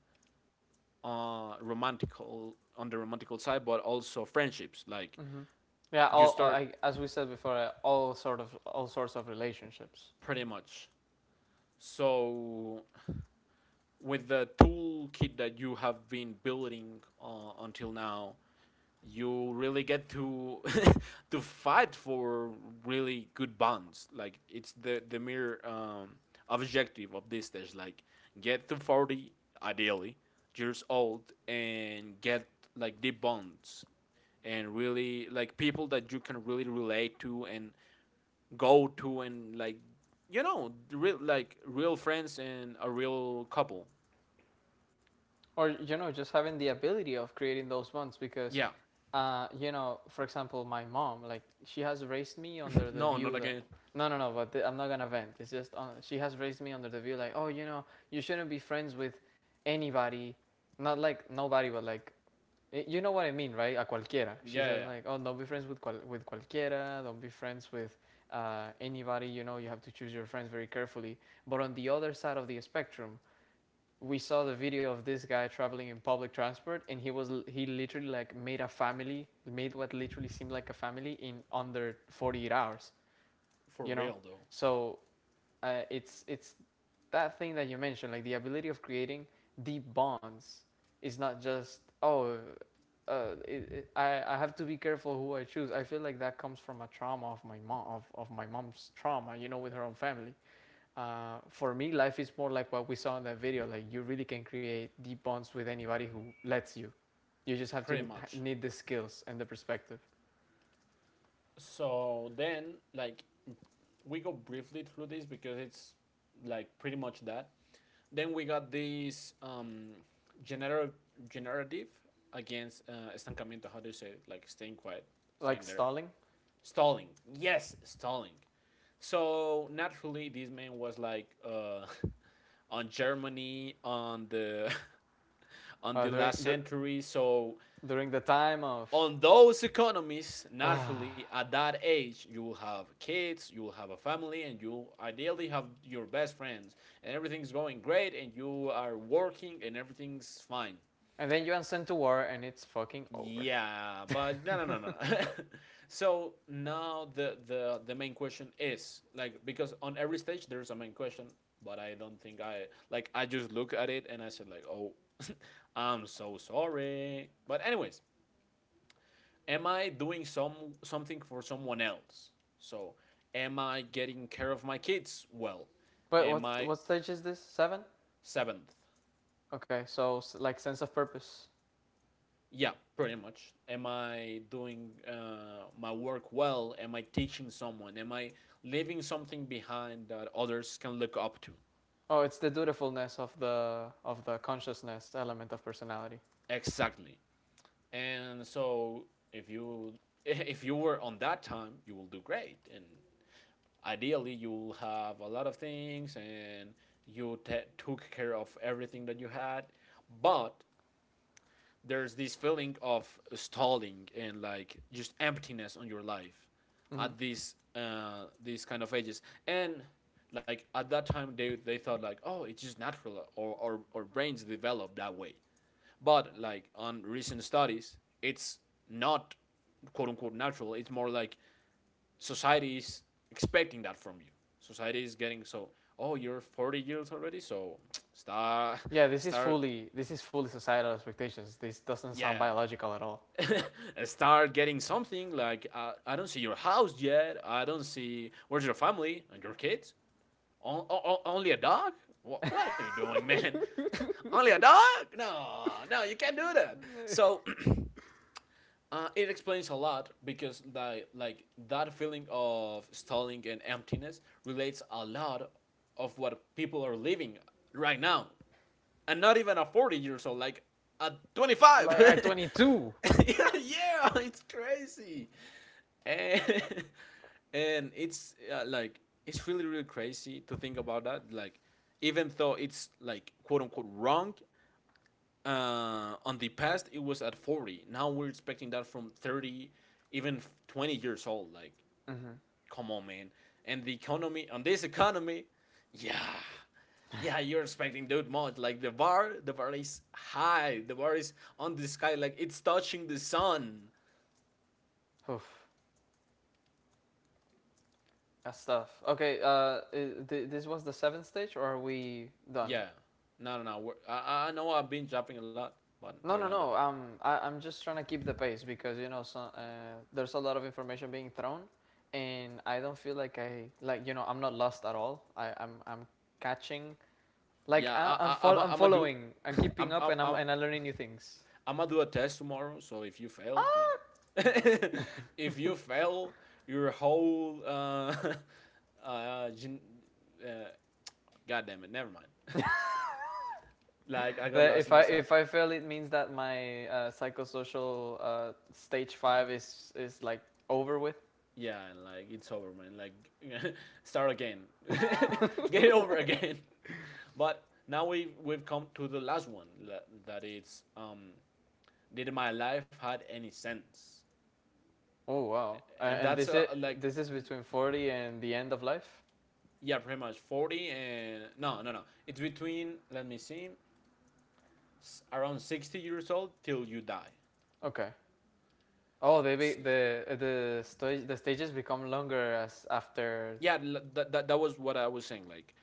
Speaker 2: romantical on the romantical side, but also friendships. Like
Speaker 1: Hmm. Hmm. Yeah,
Speaker 2: you start,
Speaker 1: as we said before, all all sorts of relationships.
Speaker 2: pretty much. So with the toolkit that you have been building until now, you really get to, to fight for really good bonds. Like it's the mere objective of this stage. Like, get to 40, ideally, years old, and get like deep bonds and really like people that you can really relate to and go to and like, you know, real, like real friends and a real couple.
Speaker 1: Or you know, just having the ability of creating those bonds, because
Speaker 2: Yeah.
Speaker 1: you know, for example, my mom, like, she has raised me under the
Speaker 2: no, not
Speaker 1: view that
Speaker 2: again.
Speaker 1: no, no, no, but I'm not gonna vent, it's just on, she has raised me under the view, like, oh, you know, you shouldn't be friends with anybody. Not like nobody, but like, you know what I mean, right? A cualquiera. She
Speaker 2: Yeah, yeah,
Speaker 1: says,
Speaker 2: yeah.
Speaker 1: like, oh, don't be friends with with cualquiera, don't be friends with anybody. You know, you have to choose your friends very carefully, but on the other side of the spectrum, we saw the video of this guy traveling in public transport, and he literally like made a family, made what literally seemed like a family in under 48 hours.
Speaker 2: For
Speaker 1: You know,
Speaker 2: real though.
Speaker 1: so, it's that thing that you mentioned, like, the ability of creating deep bonds is not just, oh, I have to be careful who I choose. I feel like that comes from a trauma of my mom of my mom's trauma, with her own family. For me, life is more like what we saw in that video. Like you really can create deep bonds with anybody who lets you. You just have
Speaker 2: Pretty
Speaker 1: to
Speaker 2: much.
Speaker 1: need the skills and the perspective.
Speaker 2: So then, like, we go briefly through this because it's like pretty much that. Then we got this, generative, generative against estancamiento. How do you say it? Like staying quiet,
Speaker 1: Like
Speaker 2: staying there,
Speaker 1: stalling.
Speaker 2: stalling. Yes, stalling. So naturally, this man was like on Germany on the, on
Speaker 1: uh,
Speaker 2: the
Speaker 1: during
Speaker 2: last
Speaker 1: the
Speaker 2: century. So
Speaker 1: during the time of,
Speaker 2: on those economies,
Speaker 1: uh,
Speaker 2: naturally, at that age, you will have kids, you will have a family, and you ideally have your best friends, and everything's going great, and you are working, and everything's fine.
Speaker 1: and then you are sent to war and it's fucking over.
Speaker 2: Yeah, but no, no, no, no. so now the main question is, like, because on every stage there's a main question, but I don't think I, like, I just look at it and I said like, oh, I'm so sorry. But anyways, am I doing something for someone else? So, am I getting care of my kids well?
Speaker 1: But
Speaker 2: Am
Speaker 1: what
Speaker 2: I
Speaker 1: stage is this? Seven.
Speaker 2: seventh?
Speaker 1: Okay, so like sense of purpose.
Speaker 2: Yeah, pretty much. Am I doing my work well? Am I teaching someone? Am I leaving something behind that others can look up to?
Speaker 1: Oh, it's the dutifulness of the consciousness element of personality.
Speaker 2: Exactly. And so, if you, if you were on that time, you will do great. And ideally you'll have a lot of things, and you took care of everything that you had. But there's this feeling of stalling and like just emptiness on your life
Speaker 1: Hmm.
Speaker 2: at these kind of ages. And like at that time, they thought like, oh, it's just natural, or brains develop that way. But like, on recent studies, it's not quote unquote natural. It's more like society is expecting that from you. Society is getting so, oh, you're 40 years already, so start,
Speaker 1: Yeah, this is
Speaker 2: start,
Speaker 1: fully this is fully societal expectations. This doesn't sound
Speaker 2: yeah,
Speaker 1: biological at all.
Speaker 2: start getting something. Like, I don't see your house yet. I don't see where's your family and your kids. Only a dog? What are you doing, man? only a dog? No, no, you can't do that. So, uh, it explains a lot because like that feeling of stalling and emptiness relates a lot of what people are living right now. And not even a 40 years old, like at 25.
Speaker 1: Like I 22.
Speaker 2: yeah, yeah, it's crazy. And and it's like, it's really really crazy to think about that. Like, even though it's like quote unquote wrong, on the past it was at 40, now we're expecting that from 30, even 20 years old, like,
Speaker 1: Mm-hmm.
Speaker 2: come on, man. And the economy on this economy, yeah, yeah, you're expecting that much. Like, the bar, the bar is high, the bar is on the sky, like it's touching the sun.
Speaker 1: Oof, that's tough. Okay, this was the seventh stage, or are we done?
Speaker 2: Yeah, no, no, no, we're, I know I've been jumping a lot, but
Speaker 1: No,
Speaker 2: we're
Speaker 1: no,
Speaker 2: not done.
Speaker 1: no. I'm just trying to keep the pace because so, there's a lot of information being thrown, and I don't feel like I, like, I'm not lost at all. I'm catching. Like
Speaker 2: Yeah,
Speaker 1: I'm
Speaker 2: I'm gonna do,
Speaker 1: following, I'm keeping
Speaker 2: I'm,
Speaker 1: up,
Speaker 2: I'm,
Speaker 1: and
Speaker 2: I'm
Speaker 1: I'm learning new things.
Speaker 2: I'm gonna do a test tomorrow. So if you fail, like, if you fail, your whole gen- uh God damn it, never mind. like I got
Speaker 1: That
Speaker 2: lost
Speaker 1: if
Speaker 2: in the sauce.
Speaker 1: I fail, it means that my psychosocial stage 5 is like over with.
Speaker 2: Yeah, and like it's over, man. Like, start again, get it over again. But now we have, we've come to the last one, that it's, did my life had any sense?
Speaker 1: Oh wow!
Speaker 2: And
Speaker 1: And
Speaker 2: that's like,
Speaker 1: this is between 40 and the end of life?
Speaker 2: yeah, pretty much 40. And no, no, no. It's between, let me see, around 60 years old till you die.
Speaker 1: Okay. Oh, they be,
Speaker 2: S-
Speaker 1: the stage the stages become longer as after.
Speaker 2: Yeah, that was what I was saying. Like,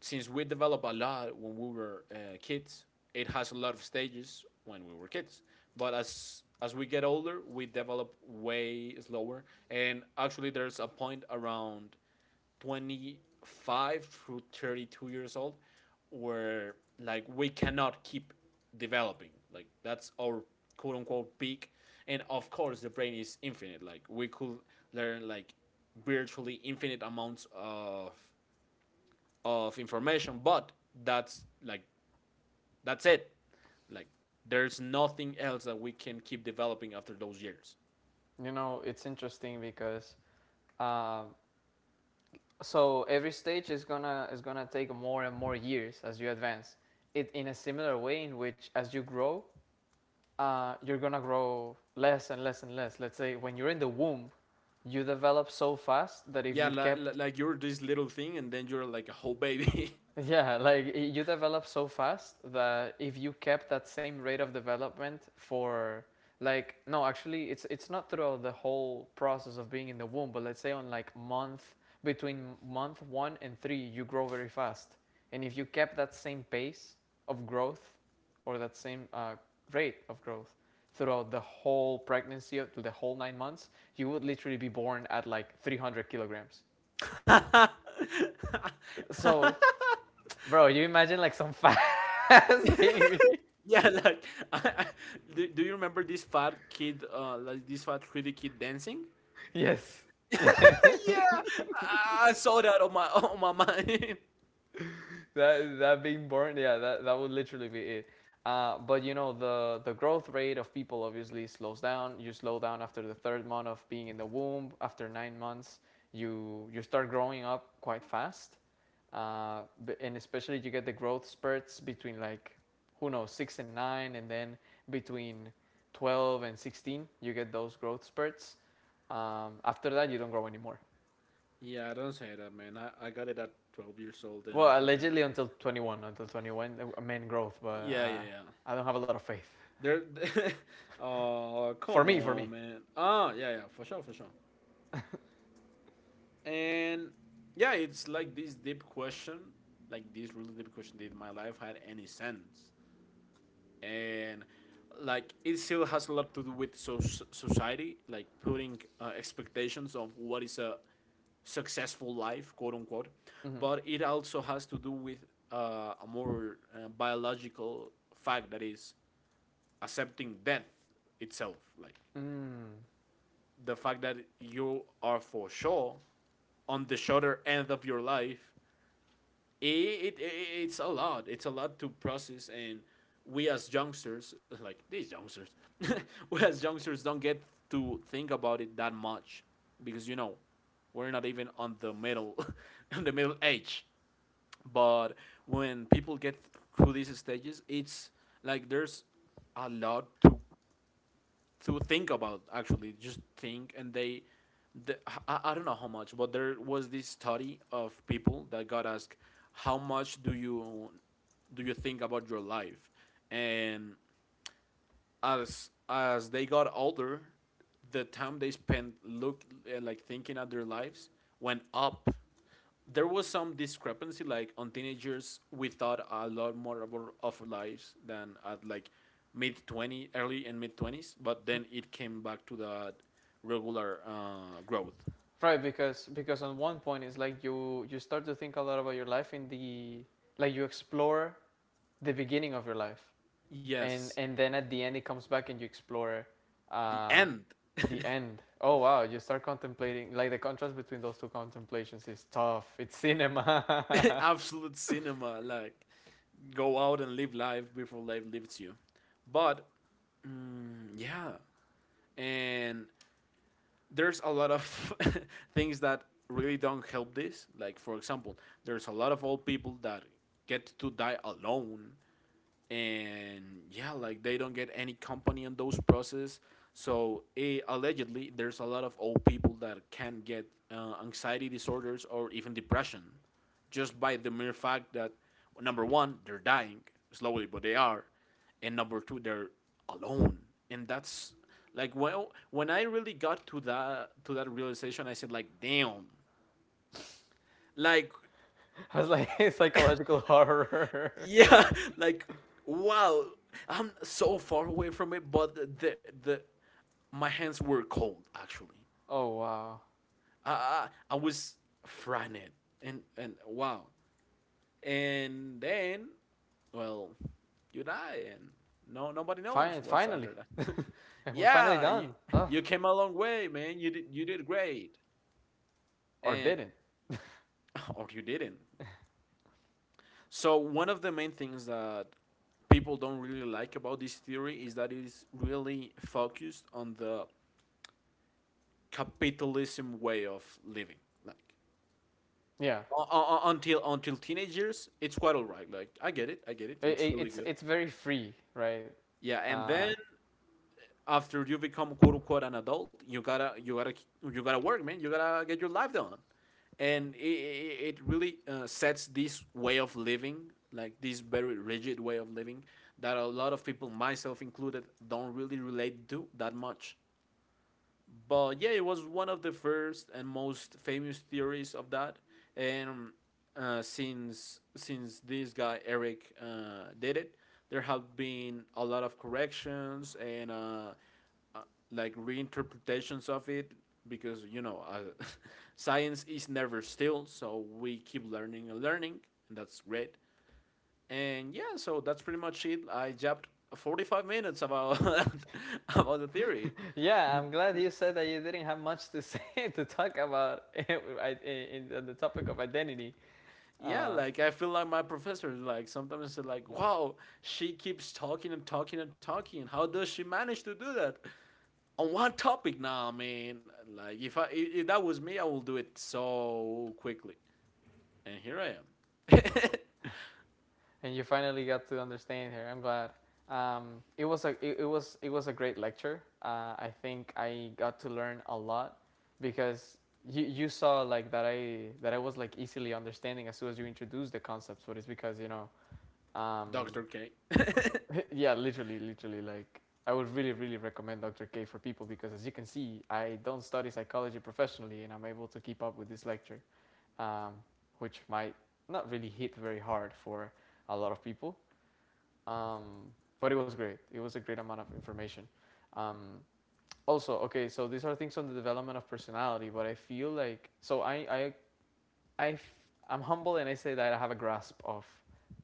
Speaker 2: since we develop a lot when we were kids, it has a lot of stages when we were kids. But as we get older, we develop way slower. And actually, there's a point around 25 through 32 years old where, like, we cannot keep developing. Like, that's our quote unquote peak. And of course the brain is infinite, like we could learn like virtually infinite amounts of information, but that's like, that's it. Like, there's nothing else that we can keep developing after those years.
Speaker 1: It's interesting because um so every stage is gonna take more and more years as you advance. It in a similar way in which as you grow, you're gonna grow less and less and less. Let's say when you're in the womb, you develop so fast that if
Speaker 2: Yeah,
Speaker 1: you
Speaker 2: like
Speaker 1: kept.
Speaker 2: like you're this little thing and then you're like a whole baby.
Speaker 1: Yeah, like you develop so fast that if you kept that same rate of development for, like, no, actually it's not throughout the whole process of being in the womb, but let's say on, like, month, between month 1 and 3 you grow very fast. And if you kept that same pace of growth, or that same rate of growth throughout the whole pregnancy up to the whole 9 months, you would literally be born at like 300 kilograms. So bro, you imagine like some fat ass baby.
Speaker 2: Yeah, like, I, I, do you remember this fat kid, like this fat 3D kid dancing?
Speaker 1: Yes. Yeah.
Speaker 2: yeah, I saw that on my, on my mind.
Speaker 1: That being born, yeah, that would literally be it. But you know the growth rate of people obviously slows down. You slow down after the third month of being in the womb. After 9 months, you start growing up quite fast, uh, and especially you get the growth spurts between, like, who knows, six and nine, and then between 12 and 16 you get those growth spurts. After that, you don't grow anymore.
Speaker 2: yeah, don't say that, man. I got it at 12 years old and I
Speaker 1: Well,
Speaker 2: haven't.
Speaker 1: allegedly until 21, men growth, but
Speaker 2: Yeah, yeah, yeah.
Speaker 1: I don't have a lot of faith.
Speaker 2: There. Oh,
Speaker 1: For
Speaker 2: come
Speaker 1: me, for me.
Speaker 2: on, man. Ah, yeah, yeah, for sure, for sure. And yeah, it's like this deep question, like this really deep question. Did my life had any sense? And like it still has a lot to do with society, like putting expectations of what is a successful life, quote unquote.
Speaker 1: Hmm.
Speaker 2: But it also has to do with a more biological fact that is accepting death itself, like
Speaker 1: Mm.
Speaker 2: the fact that you are for sure on the shorter end of your life. It's a lot. It's a lot to process, and we as youngsters, like these youngsters, we as youngsters don't get to think about it that much, because we're not even on the middle, on the middle age. But when people get through these stages, it's like there's a lot to think about, actually, just think. And they, the, I don't know how much, but there was this study of people that got asked how much do you think about your life. And as they got older, the time they spent look like thinking at their lives went up. There was some discrepancy, like on teenagers, we thought a lot more of of lives than at like mid 20, early and mid twenties. But then it came back to the regular growth.
Speaker 1: Right, because on one point it's like you start to think a lot about your life in the like, you explore the beginning of your life, and
Speaker 2: Yes,
Speaker 1: then at the end it comes back and you explore
Speaker 2: the
Speaker 1: uh,
Speaker 2: end.
Speaker 1: the end. Oh wow, you start contemplating, like, the contrast between those two contemplations is tough. It's cinema.
Speaker 2: Absolute cinema, like go out and live life before life leaves you. But mm, yeah, and there's a lot of things that really don't help this. Like, for example, there's a lot of old people that get to die alone. And yeah, like they don't get any company on those process. So allegedly there's a lot of old people that can get anxiety disorders or even depression, just by the mere fact that number one they're dying slowly, but they are, and number two they're alone. And that's like, well, when I really got to that realization, I said like damn, like
Speaker 1: I was like psychological horror.
Speaker 2: yeah. Like wow, I'm so far away from it, but the my hands were cold actually.
Speaker 1: Oh wow.
Speaker 2: I was frightened, and wow. And then, well, you die, and no nobody knows what's
Speaker 1: Finally,
Speaker 2: after that.
Speaker 1: we're finally
Speaker 2: Yeah,
Speaker 1: done. Ugh.
Speaker 2: you came a long way, man. You did great,
Speaker 1: Or
Speaker 2: and
Speaker 1: didn't.
Speaker 2: or you didn't. So one of the main things that people don't really like about this theory is that it is really focused on the capitalism way of living. Like,
Speaker 1: Yeah.
Speaker 2: until teenagers, it's quite alright. Like, I get it, I get it. It's
Speaker 1: I-
Speaker 2: really
Speaker 1: it's
Speaker 2: good.
Speaker 1: very free, right?
Speaker 2: Yeah, and
Speaker 1: Uh,
Speaker 2: then after you become quote unquote an adult, you gotta work, man. You gotta get your life done, and it really sets this way of living, like this very rigid way of living, that a lot of people, myself included, don't really relate to that much. But yeah, it was one of the first and most famous theories of that. And since this guy Eric did it, there have been a lot of corrections and uh, like reinterpretations of it, because science is never still, so we keep learning and learning, and that's great. And yeah, so that's pretty much it. I jabbed 45 minutes about about the theory.
Speaker 1: yeah, I'm glad you said that you didn't have much to say to talk about in the topic of identity,
Speaker 2: Yeah,
Speaker 1: uh,
Speaker 2: like I feel like my professor, like sometimes it's like, wow, she keeps talking and talking and talking. How does she manage to do that on one topic? Now, I mean, like if that was me, I will do it so quickly. And here I am.
Speaker 1: and you finally got to understand here. I'm glad. It was a it, it was a great lecture. I think I got to learn a lot because you saw, like, that I was, like, easily understanding as soon as you introduced the concepts, but it's because you know. Um,
Speaker 2: Doctor K.
Speaker 1: yeah, literally, literally. Like, I would really, really recommend Dr. K for people because, as you can see, I don't study psychology professionally and I'm able to keep up with this lecture, um, which might not really hit very hard for a lot of people. Um, but it was great. It was a great amount of information. Um, Also, okay, so these are things on the development of personality, but I feel like, so I f- I'm humble and I say that I have a grasp of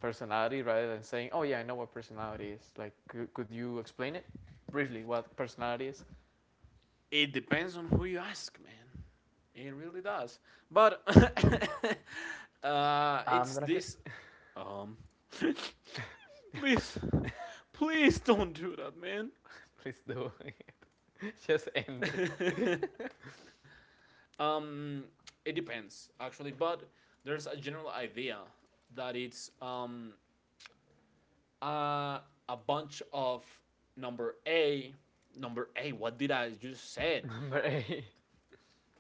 Speaker 1: personality rather than saying, oh yeah, I know what personality is. Like, could you explain it briefly what personality is?
Speaker 2: It depends on who you ask, man. It really does. But
Speaker 1: I'm
Speaker 2: it's
Speaker 1: gonna get.
Speaker 2: this. Um, please, please don't do that, man.
Speaker 1: Please do. Just end it.
Speaker 2: um, it depends actually, but there's a general idea that it's uh, a bunch of number A, number A. What did I just said?
Speaker 1: Number 8.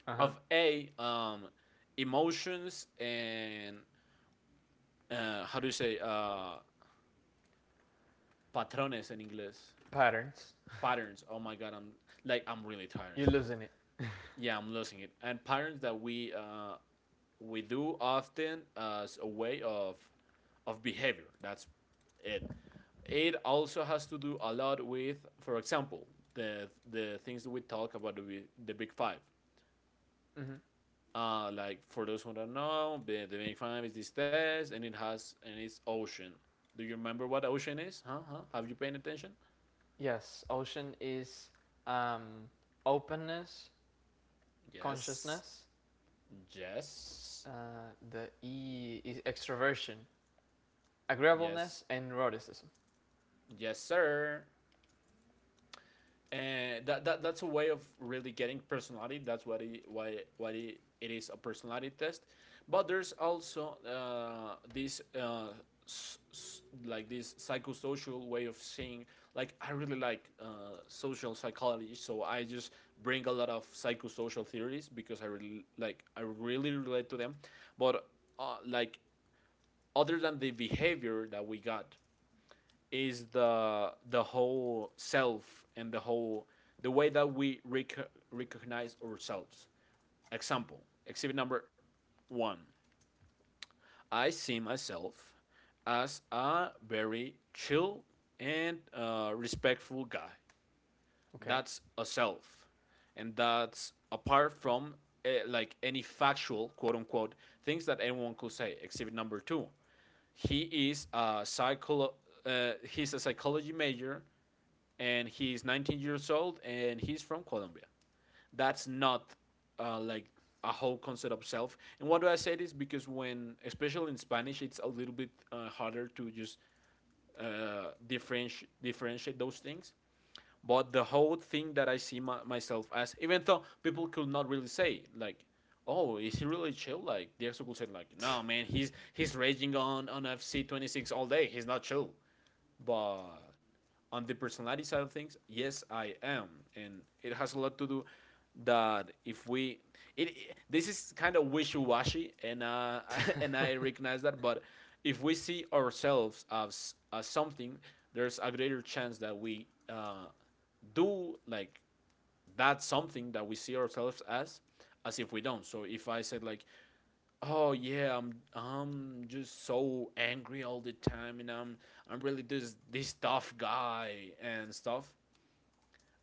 Speaker 1: Uh-huh.
Speaker 2: Of A, emotions and how do you say patrones in English?
Speaker 1: Patterns.
Speaker 2: Patterns. Oh my god, I'm like I'm really tired.
Speaker 1: You're losing it.
Speaker 2: Yeah, I'm losing it. And patterns that we do often as a way of behavior. That's it. It also has to do a lot with, for example, the things that we talk about, the the big five.
Speaker 1: Hmm.
Speaker 2: Like, for those who don't know, the big five is this test, and it's ocean. Do you remember what ocean is? Huh? Huh? Have you paying attention?
Speaker 1: Yes, ocean is um, openness,
Speaker 2: Yes.
Speaker 1: consciousness.
Speaker 2: Yes.
Speaker 1: Uh, the E is extroversion,
Speaker 2: Yes.
Speaker 1: agreeableness, and eroticism.
Speaker 2: Yes, sir. And that's a way of really getting personality. That's what it is, a personality test. But there's also this like this psychosocial way of seeing. Like, I really like social psychology, so I just bring a lot of psychosocial theories because I really relate to them. But like other than the behavior that we got is the whole self and the way that we recognize ourselves. Example, exhibit number one. I see myself as a very chill and respectful guy.
Speaker 1: Okay.
Speaker 2: That's a self, and that's apart from like any factual quote unquote things that anyone could say. Exhibit number two, he is a psycho. He's a psychology major, and he's 19 years old, and he's from Colombia. That's not like a whole concept of self. And why do I say this? Because, when especially in Spanish, it's a little bit harder to just differentiate those things. But the whole thing that I see myself as, even though people could not really say like, "Oh, is he really chill?" Like, the exo could say like, "No, man, he's raging on FC 26 all day. He's not chill." But on the personality side of things, yes, I am, and it has a lot to do that, if we this is kind of wishy-washy and and I recognize that. But if we see ourselves as something, there's a greater chance that we do like that something that we see ourselves as if we don't. So if I said like, "Oh yeah, I'm just so angry all the time, and I'm really this tough guy and stuff."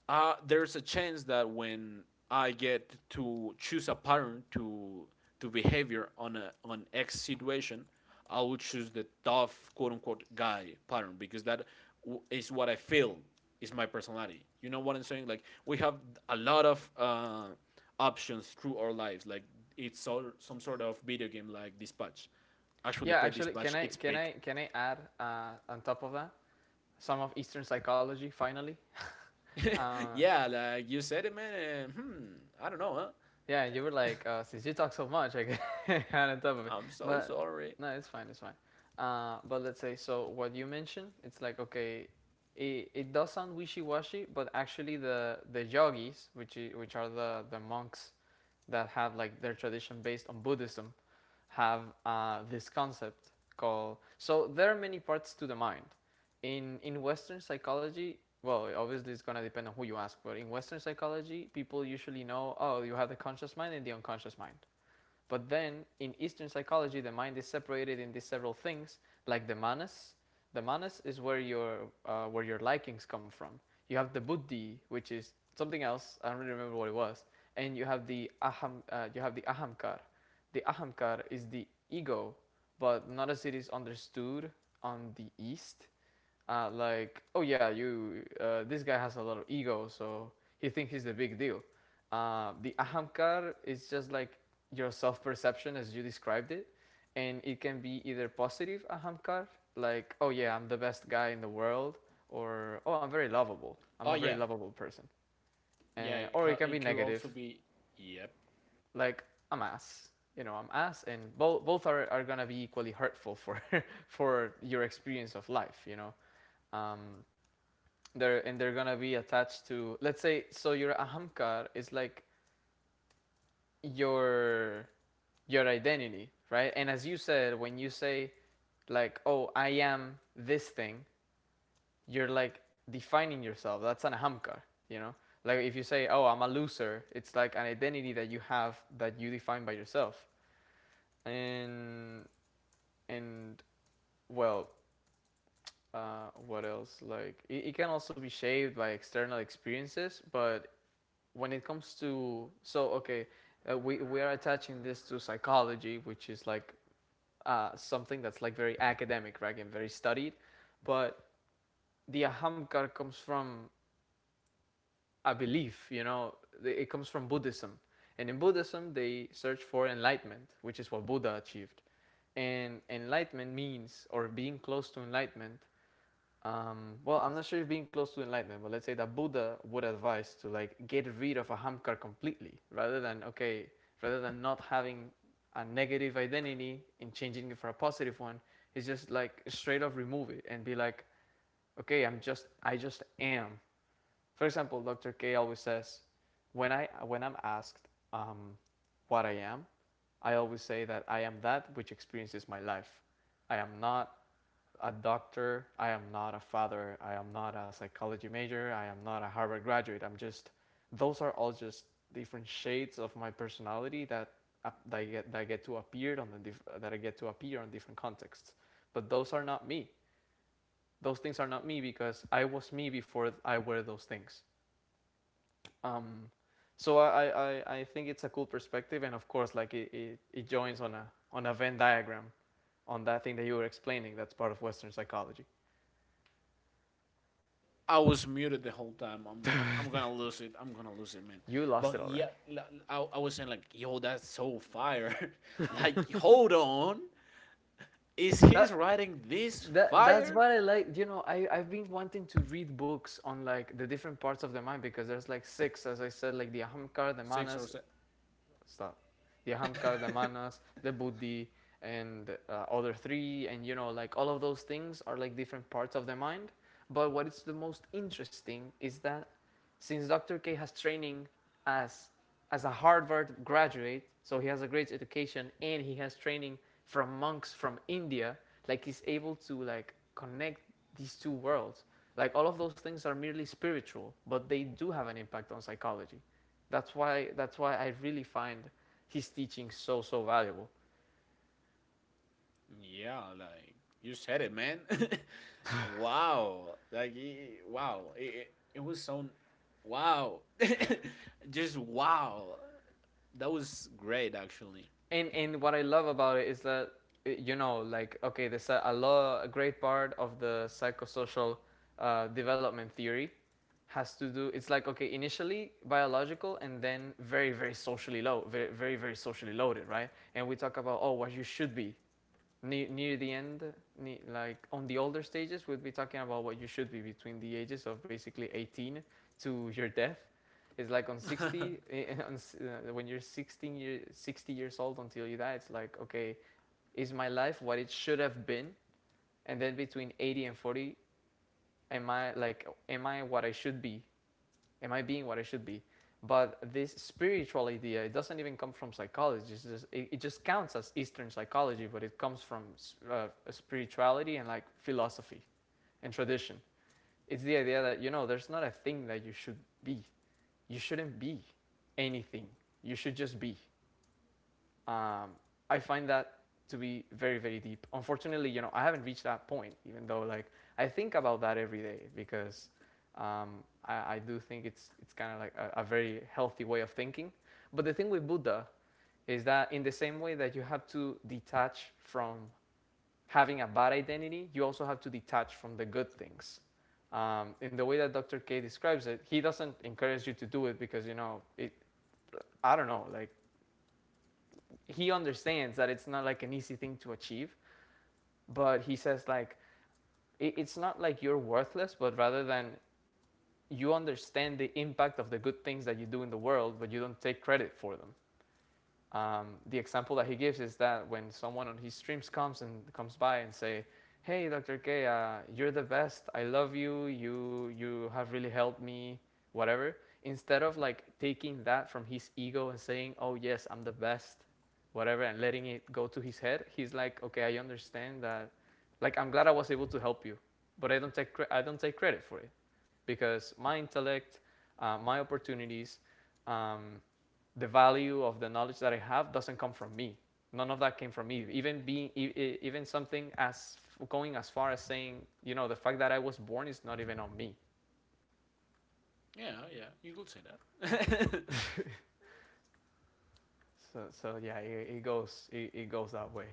Speaker 2: There's a chance that when I get to choose a pattern to behavior on a on X situation, I will choose the tough quote unquote guy pattern, because that is what I feel is my personality. You know what I'm saying? Like, we have a lot of options through our lives. Like, it's so, some sort of video game like Dispatch. Actually,
Speaker 1: Yeah,
Speaker 2: play
Speaker 1: actually, can
Speaker 2: Dispatch.
Speaker 1: I
Speaker 2: It's big.
Speaker 1: add on top of that some of Eastern psychology? Finally, uh,
Speaker 2: Yeah, like, you said it, man. And, I don't know, huh?
Speaker 1: yeah, you were like, since you talk so much, I can add on top of it.
Speaker 2: I'm so
Speaker 1: But
Speaker 2: sorry.
Speaker 1: no, it's fine, it's fine. But let's say so. What you mentioned, it's like, okay, it does sound wishy-washy, but actually the yogis, which are the monks that have like their tradition based on Buddhism, have this concept called. So there are many parts to the mind. In Western psychology, well, obviously it's gonna depend on who you ask, but in Western psychology, people usually know, oh, you have the conscious mind and the unconscious mind. But then in Eastern psychology, the mind is separated into several things, like the manas. The manas is where your likings come from. You have the buddhi, which is something else. I don't really remember what it was. And you have the aham. You have the ahamkar. The ahamkar is the ego, but not as it is understood on the East. Like, oh yeah, you this guy has a lot of ego, so he thinks he's the big deal. The ahamkar is just like your self perception as you described it, and it can be either positive ahamkar, like, oh yeah, I'm the best guy in the world, or, oh, I'm a
Speaker 2: Oh
Speaker 1: very
Speaker 2: yeah,
Speaker 1: lovable person,
Speaker 2: yeah.
Speaker 1: and,
Speaker 2: It, ca-
Speaker 1: or it
Speaker 2: it
Speaker 1: can be
Speaker 2: could also
Speaker 1: negative,
Speaker 2: be. Yep.
Speaker 1: like I'm ass, you know I'm ass, and both are gonna be equally hurtful for for your experience of life. Um, they're and they're gonna be attached to, let's say, so your ahamkar is like your your identity, right? And as you said, when you say, like, "Oh, I am this thing," you're like defining yourself. That's an hamka, you know. Like if you say, "Oh, I'm a loser," it's like an identity that you have, that you define by yourself. And and well, what else? Like, it can also be shaped by external experiences, but when it comes to, so, okay, we are attaching this to psychology, which is like something that's like very academic, right, and very studied. But the ahamkar comes from a belief, it comes from Buddhism. And in Buddhism, they search for enlightenment, which is what Buddha achieved. And enlightenment means, or being close to enlightenment, well, I'm not sure if being close to enlightenment, but let's say that Buddha would advise to, like, get rid of ahamkar completely, rather than, okay, rather than not having a negative identity and changing it for a positive one. It's just like, straight up remove it and be like, okay, I just am. For example, Dr. K always says, when I when I'm asked um, what I am, I always say that I am that which experiences my life. I am not a doctor, I am not a father, I am not a psychology major, I am not a Harvard graduate. I'm just, those are all just different shades of my personality that, I get, that I get to appear on the diff, that I get to appear on different contexts. But those are not me. Those things are not me because I was me before I were those things. Um, so I think it's a cool perspective, and of course, like, it joins on a, Venn diagram, on that thing that you were explaining. That's part of Western psychology.
Speaker 2: I was muted the whole time. I'm gonna lose it. I'm gonna lose it, man.
Speaker 1: You lost
Speaker 2: But
Speaker 1: it already.
Speaker 2: yeah, I was saying like, yo, that's so fire. Like, hold on, is
Speaker 1: That
Speaker 2: he's writing this
Speaker 1: that's
Speaker 2: fire?
Speaker 1: what I like. You know, I've been wanting to read books on like the different parts of the mind because there's like six, as I said, like the Ahamkara, the
Speaker 2: Six or
Speaker 1: Manas
Speaker 2: seven?
Speaker 1: stuff the ahamkar the manas, the buddhi, and other three. And you know, like all of those things are like different parts of the mind, but what is the most interesting is that since Dr. K has training as as a Harvard graduate, so he has a great education and he has training from monks from India. Like he's able to like connect these two worlds. Like all of those things are merely spiritual, but they do have an impact on psychology. That's why I really find his teaching so valuable.
Speaker 2: Yeah, like you said it, man. Wow, like wow, it was so wow, just wow. That was great, actually.
Speaker 1: And what I love about it is that you know, like okay, there's a lot a great part of the psychosocial development theory has to do. It's like okay, initially biological and then very socially low, very socially loaded, right? And we talk about, oh, what you should be. Near the end, ne like on the older stages, we'll be talking about what you should be between the ages of basically 18 to your death. It's like on 60, when you're 16 year, 60 years old until you die, it's like, okay, is my life what it should have been? And then between 80 and 40, am I like, am I what I should be? Am I being what I should be? But this spiritual idea, it doesn't even come from psychology. It's just, it just counts as Eastern psychology, but it comes from spirituality and like philosophy and tradition. It's the idea that, you know, there's not a thing that you should be. You shouldn't be anything. You should just be um, I find that to be very deep. Unfortunately, you know, I haven't reached that point, even though like I think about that every day because I do think it's kind of like a very healthy way of thinking. But the thing with Buddha is that in the same way that you have to detach from having a bad identity, you also have to detach from the good things. In the way that Dr. K describes it, he doesn't encourage you to do it because you know it. I don't know, like he understands that it's not like an easy thing to achieve, but he says like it's not like you're worthless, but rather than you understand the impact of the good things that you do in the world, but you don't take credit for them. The example that he gives is that when someone on his streams comes and comes by and say, "Hey, Dr. K, you're the best. I love you. You have really helped me. Whatever." Instead of like taking that from his ego and saying, "Oh yes, I'm the best," whatever, and letting it go to his head, he's like, "Okay, I understand that. Like, I'm glad I was able to help you, but I don't take I don't take credit for it because my intellect, my opportunities." Um, the value of the knowledge that I have doesn't come from me. None of that came from me. Even being, even something as going as far as saying, you know, the fact that I was born is not even on me.
Speaker 2: Yeah, yeah, you could say that.
Speaker 1: So yeah, it goes that way.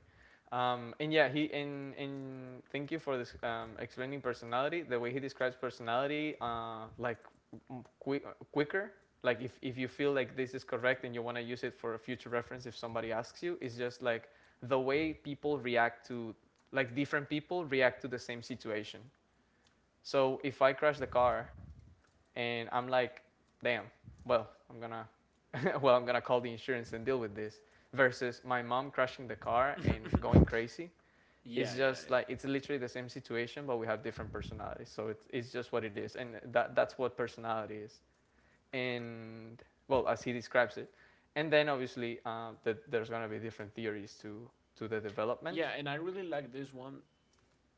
Speaker 1: And yeah, he and thank you for this, explaining personality. The way he describes personality, like quicker. Like if you feel like this is correct and you want to use it for a future reference if somebody asks you, it's just like the way people react to like different people react to the same situation. So if I crash the car and I'm like, damn, well, I'm gonna well, I'm gonna call the insurance and deal with this versus my mom crashing the car
Speaker 2: Yeah,
Speaker 1: and going crazy. It's
Speaker 2: yeah,
Speaker 1: just
Speaker 2: yeah.
Speaker 1: like it's literally the same situation, but we have different personalities. So it's just what it is, and that's what personality is. And well, as he describes it, and then obviously that there's going to be different theories to the development.
Speaker 2: Yeah, and I really like this one,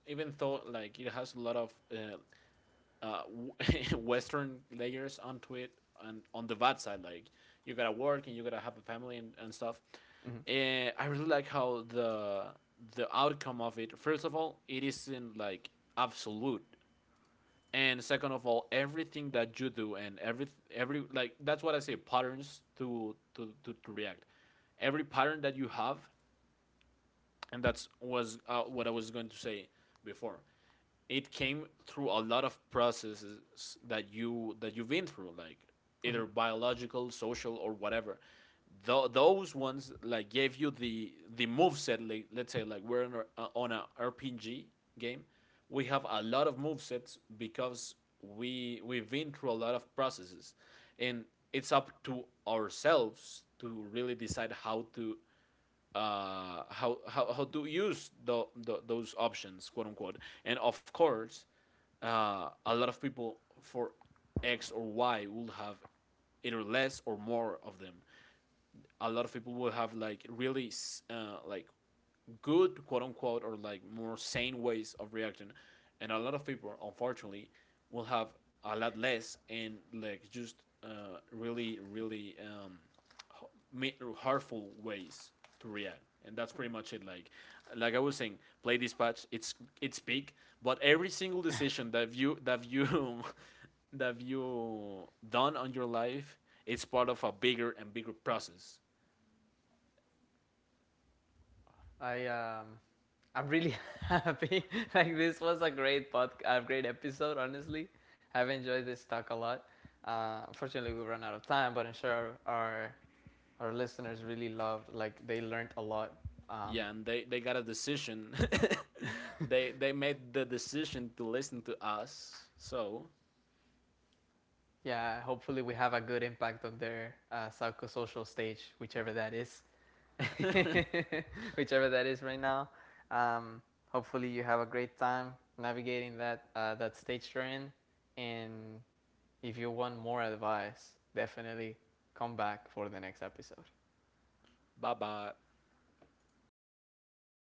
Speaker 2: even though like it has a lot of uh, Western layers onto it, and on the bad side, like, you gotta work and you gotta have a family and stuff.
Speaker 1: Mhm.
Speaker 2: And I really like how the outcome of it. First of all, it isn't like absolute. And second of all, everything that you do, and every, like, that's what I say, patterns to react. Every pattern that you have, and that's was what I was going to say before. It came through a lot of processes that you've been through, like
Speaker 1: Mhm.
Speaker 2: either biological, social, or whatever. Those ones like gave you the move set. Like, let's say like we're on a, RPG game. We have a lot of move sets because we've been through a lot of processes, and it's up to ourselves to really decide how to use the those options, quote unquote. And of course, a lot of people for X or Y will have either less or more of them. A lot of people will have like really like good quote unquote or like more sane ways of reacting, and a lot of people unfortunately will have a lot less, and like just really really h- hurtful ways to react. And that's pretty much it, like, I was saying, play dispatch, it's big. But every single decision that you that you done on your life, it's part of a bigger and bigger process.
Speaker 1: I I'm really happy. Like this was a great pod, a great episode. Honestly, I've enjoyed this talk a lot. Unfortunately, we ran out of time, but I'm sure our listeners really loved. Like they learned a lot. Um,
Speaker 2: Yeah, and they got a decision. They made the decision to listen to us. So,
Speaker 1: yeah, hopefully we have a good impact on their psychosocial stage, whichever that is. Whichever that is right now. Um, hopefully, you have a great time navigating that that stage you're in. And if you want more advice, definitely come back for the next episode.
Speaker 2: bye bye.